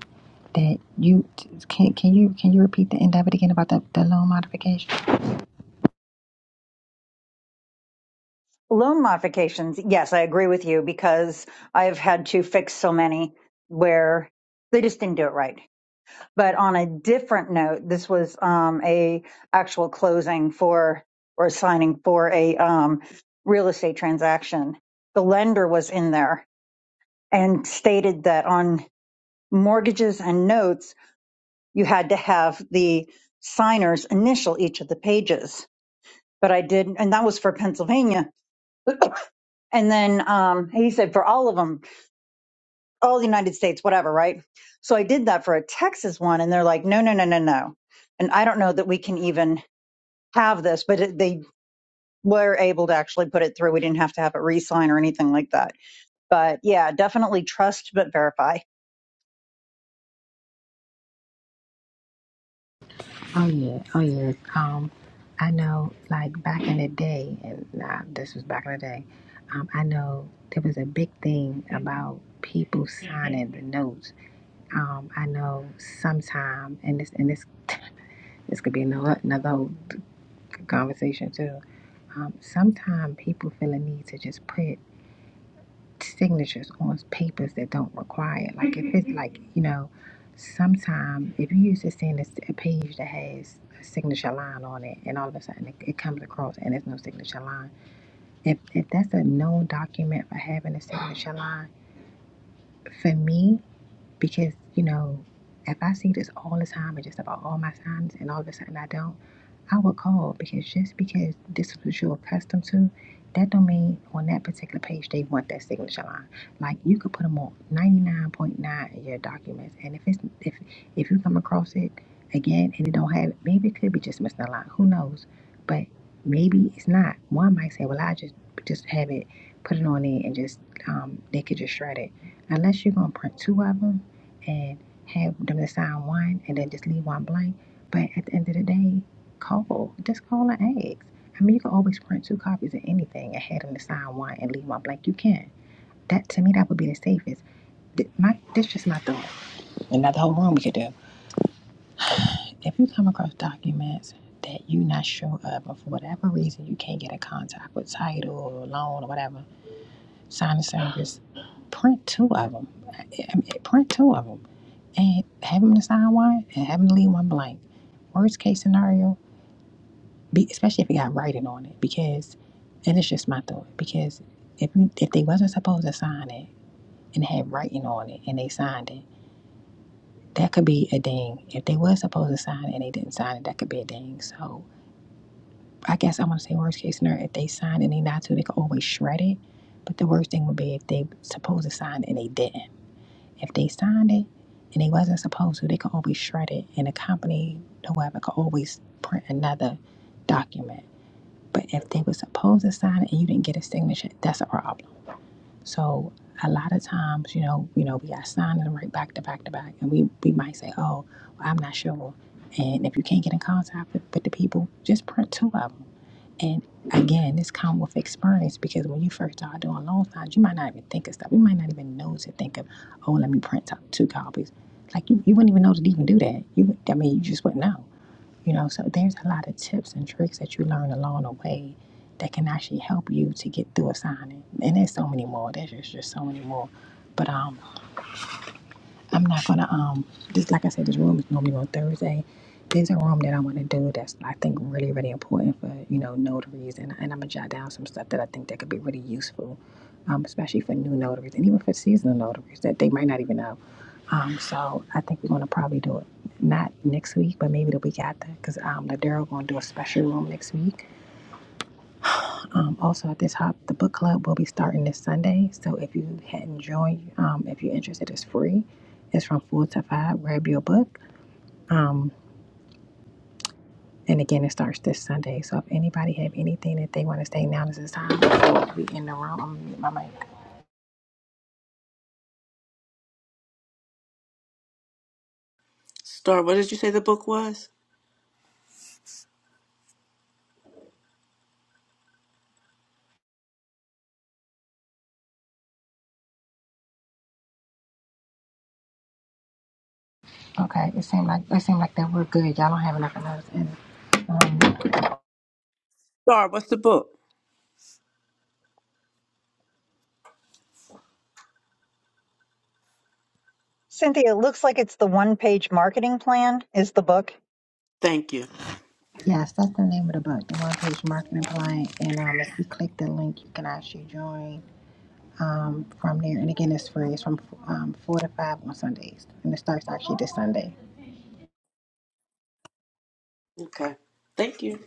that you can. Can you can you repeat the end of it again about the, the loan modification? Loan modifications. Yes, I agree with you because I've had to fix so many where they just didn't do it right. But on a different note, this was um, a actual closing for or signing for a um, real estate transaction. The lender was in there and stated that on mortgages and notes, you had to have the signers initial each of the pages. But I did, and that was for Pennsylvania. And then um, he said for all of them, all the United States, whatever, right? So I did that for a Texas one, and they're like, no, no, no, no, no. And I don't know that we can even have this, but it, they were able to actually put it through. We didn't have to have it re sign or anything like that. But yeah, definitely trust but verify. Oh yeah, oh yeah. Um, I know, like back in the day, and nah, this was back in the day. Um, I know there was a big thing about people signing the notes. Um, I know sometime, and this and this, this could be another another whole conversation too. Um, sometimes people feel a need to just put signatures on papers that don't require it. Like if it's like, you know, sometime if you used to seeing this, a page that has a signature line on it and all of a sudden it, it comes across and there's no signature line. If if that's a known document for having a signature line, for me because you know if i see this all the time and just about all my signs and all of a sudden i don't i would call because just because this is what you're accustomed to that don't mean on that particular page they want that signature line like you could put them on 99.9 in your documents and if it's if if you come across it again and it don't have it maybe it could be just missing a line who knows but maybe it's not one might say well i just just have it put it on there and just um, they could just shred it unless you're gonna print two of them and have them to sign one and then just leave one blank. But at the end of the day, call. Just call and ask. I mean, you can always print two copies of anything and have them to sign one and leave one blank. You can. That to me, that would be the safest. my, this is just my thought, and not the whole room we could do. If you come across documents that you not sure of, or for whatever reason you can't get in contact with title or loan or whatever, sign the service, print two of them. I mean, print two of them and have him to sign one and have him to leave one blank. Worst case scenario, be, especially if it got writing on it, because and it's just my thought. Because if if they wasn't supposed to sign it and it had writing on it and they signed it, that could be a ding. If they was supposed to sign it and they didn't sign it, that could be a ding. So I guess I'm gonna say worst case scenario. If they signed it and they not to, they could always shred it. But the worst thing would be if they supposed to sign it and they didn't. If they signed it and they wasn't supposed to, they could always shred it, and the company, whoever, could always print another document. But if they were supposed to sign it and you didn't get a signature, that's a problem. So a lot of times, you know, you know, we got signed them right back to back to back, and we we might say, oh, well, I'm not sure. And if you can't get in contact with, with the people, just print two of them. And again, this comes with experience because when you first start doing loan signs, you might not even think of stuff. You might not even know to think of, oh, let me print out two copies. Like you, you wouldn't even know to even do that. You, would- I mean, you just wouldn't know. You know, so there's a lot of tips and tricks that you learn along the way that can actually help you to get through a signing. And there's so many more. There's just, just so many more. But um, I'm not gonna um just like I said, this room is normally on Thursday. There's a room that I want to do that's I think really really important for you know notaries, and and I'm gonna jot down some stuff that I think that could be really useful, um, especially for new notaries and even for seasonal notaries that they might not even know. Um, so I think we're gonna probably do it not next week, but maybe the week after, because um, Ladero gonna do a special room next week um, also, at the top, the book club will be starting this Sunday. So if you hadn't joined, um, if you're interested, it's free. It's from four to five. Grab your book. Um, and again, it starts this Sunday. So if anybody have anything that they want to say, now is the time. Before we in the room. I'm gonna mute my mic. Star, what did you say the book was? Okay. It seemed like it seemed like that we're good. Y'all don't have enough of those. And um, Star, what's the book? Cynthia, it looks like it's the one page marketing plan is the book. Thank you. yes, that's the name of the book, the one page marketing plan. And um, if you click the link, you can actually join. um, from there. And again, it's free. It's from um, four to five on Sundays, and it starts actually this Sunday. Okay. Thank you.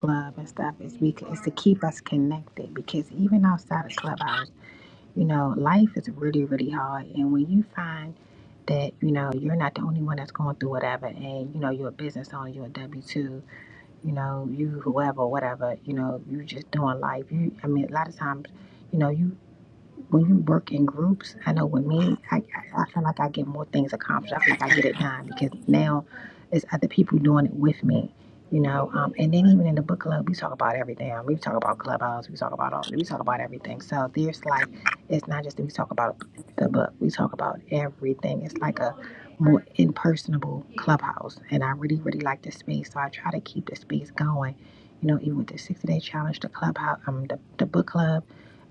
Club and stuff is because it's to keep us connected. Because even outside of Clubhouse, you know, life is really, really hard. And when you find that, you know, you're not the only one that's going through whatever and, you know, you're a business owner, you're a W two, you know, you whoever, whatever, you know, you just doing life. You I mean a lot of times, you know, you. when you work in groups, I know with me, I, I, I feel like I get more things accomplished. I feel like I get it done because now it's other people doing it with me, you know. Um, and then even in the book club, we talk about everything. We talk about clubhouse. We talk about all. We talk about everything. So there's like, it's not just that we talk about the book. We talk about everything. It's like a more impersonable clubhouse, and I really, really like this space. So I try to keep the space going. You know, even with the 60 day challenge, the clubhouse, um, the, the book club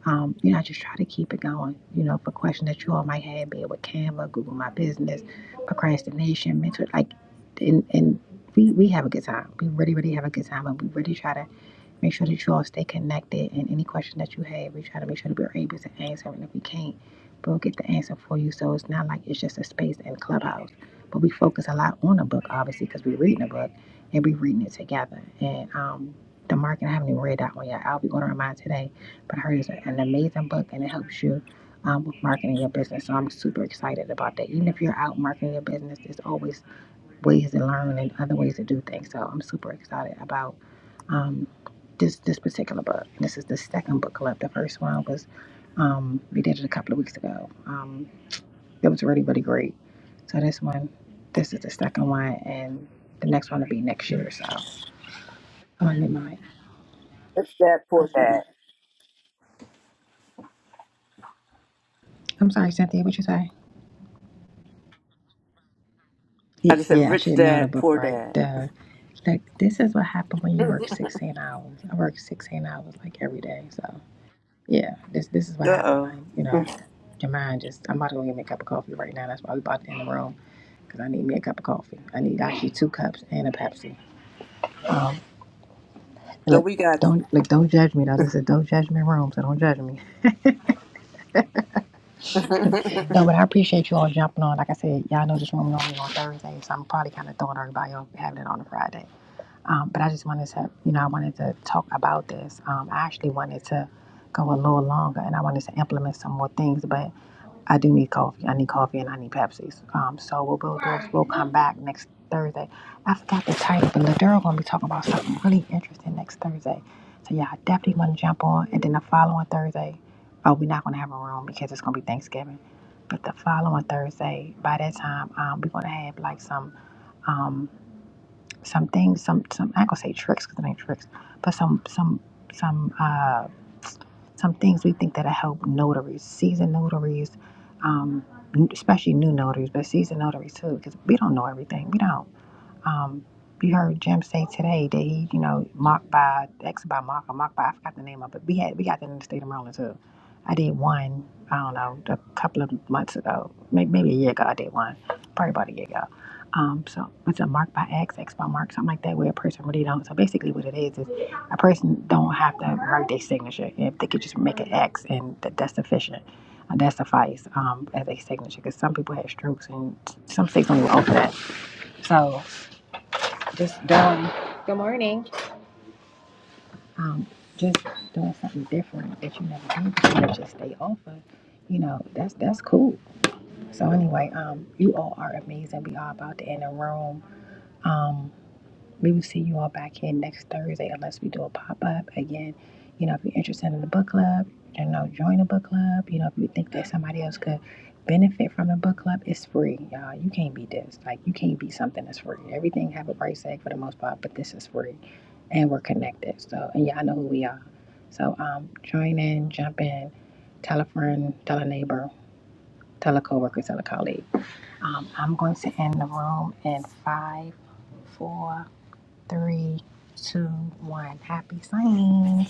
um, you know, I just try to keep it going. You know, for questions that you all might have, be it with Canva, Google My Business, procrastination, mental, like, and and we we have a good time. We really really have a good time, and we really try to Make sure that you all stay connected and any question that you have, we try to make sure that we're able to answer. And if we can't, we'll get the answer for you. So it's not like it's just a space in Clubhouse. But we focus a lot on the book, obviously, because we're reading the book and we're reading it together. And um, the market, I haven't even read that one yet. I'll be ordering mine today. But I heard it's an amazing book and it helps you um, with marketing your business. So I'm super excited about that. Even if you're out marketing your business, there's always ways to learn and other ways to do things. So I'm super excited about um, this this particular book. And this is the second book club. The first one was um, we did it a couple of weeks ago. Um, it was really really great. So this one, this is the second one, and the next one will be next year. So I'm gonna leave my. Rich dad, poor dad. I'm sorry, Cynthia. What you say? Yeah, I just said yeah. I rich should know the dad, book poor right. dad. The like this is what happened when you work 16 hours. I work 16 hours like every day. So. Yeah, this this is what Uh happened. oh. Like, you know, your mind just. I'm about to go get me a cup of coffee right now. That's why we about to end the room because I need me a cup of coffee. I need actually two cups and a Pepsi. Um, and Well, look, we got. don't look, don't judge me though. This is don't judge me room, so don't judge me. you. No, but I appreciate you all jumping on. Like I said, y'all know this room normally on Thursday, so I'm probably kind of throwing everybody off having it on a Friday. Um, but I just wanted to, you know, I wanted to talk about this. Um, I actually wanted to go a little longer, and I wanted to implement some more things, but I do need coffee. I need coffee and I need Pepsis. Um, so what we'll do is we'll come back next Thursday. I forgot the title, but Ladero gonna be talking about something really interesting next Thursday. So yeah, I definitely want to jump on. And then the following Thursday, oh, we're not gonna have a room because it's gonna be Thanksgiving. But the following Thursday, by that time, um, we're gonna have like some. um some things, some some I ain't gonna say tricks because it ain't tricks, but some some some uh, some things we think that'll help notaries, seasoned notaries, um, especially new notaries, but seasoned notaries too, because we don't know everything. We don't. Um, you heard Jim say today that he, you know, mocked by X by mock or mocked by I forgot the name of it. We had we got that in the state of Maryland too. I did one, I don't know, a couple of months ago, maybe, maybe a year ago. I did one, probably about a year ago. Um, so it's a mark by X, X by mark, something like that, where a person really don't. So basically, what it is is a person don't have to write their signature. If they could just make an X, and that, that's sufficient. Uh, That suffice um, as a signature, because some people have strokes, and some states don't even offer that. So just doing um, just doing something different that you never do. before to stay open you know that's that's cool so anyway um you all are amazing we are about to end the room um We will see you all back here next Thursday unless we do a pop up. Again, you know, if you're interested in the book club, you know, join the book club. You know, if you think that somebody else could benefit from the book club, it's free, y'all. You can't beat this. Like you can't beat something that's free. Everything have a price tag for the most part, but this is free. And we're connected. So and y'all know who we are. So um join in, jump in, tell a friend, tell a neighbor, tell a coworker, tell a colleague. Um, I'm going to end the room in five, four three, two, one. Happy signing.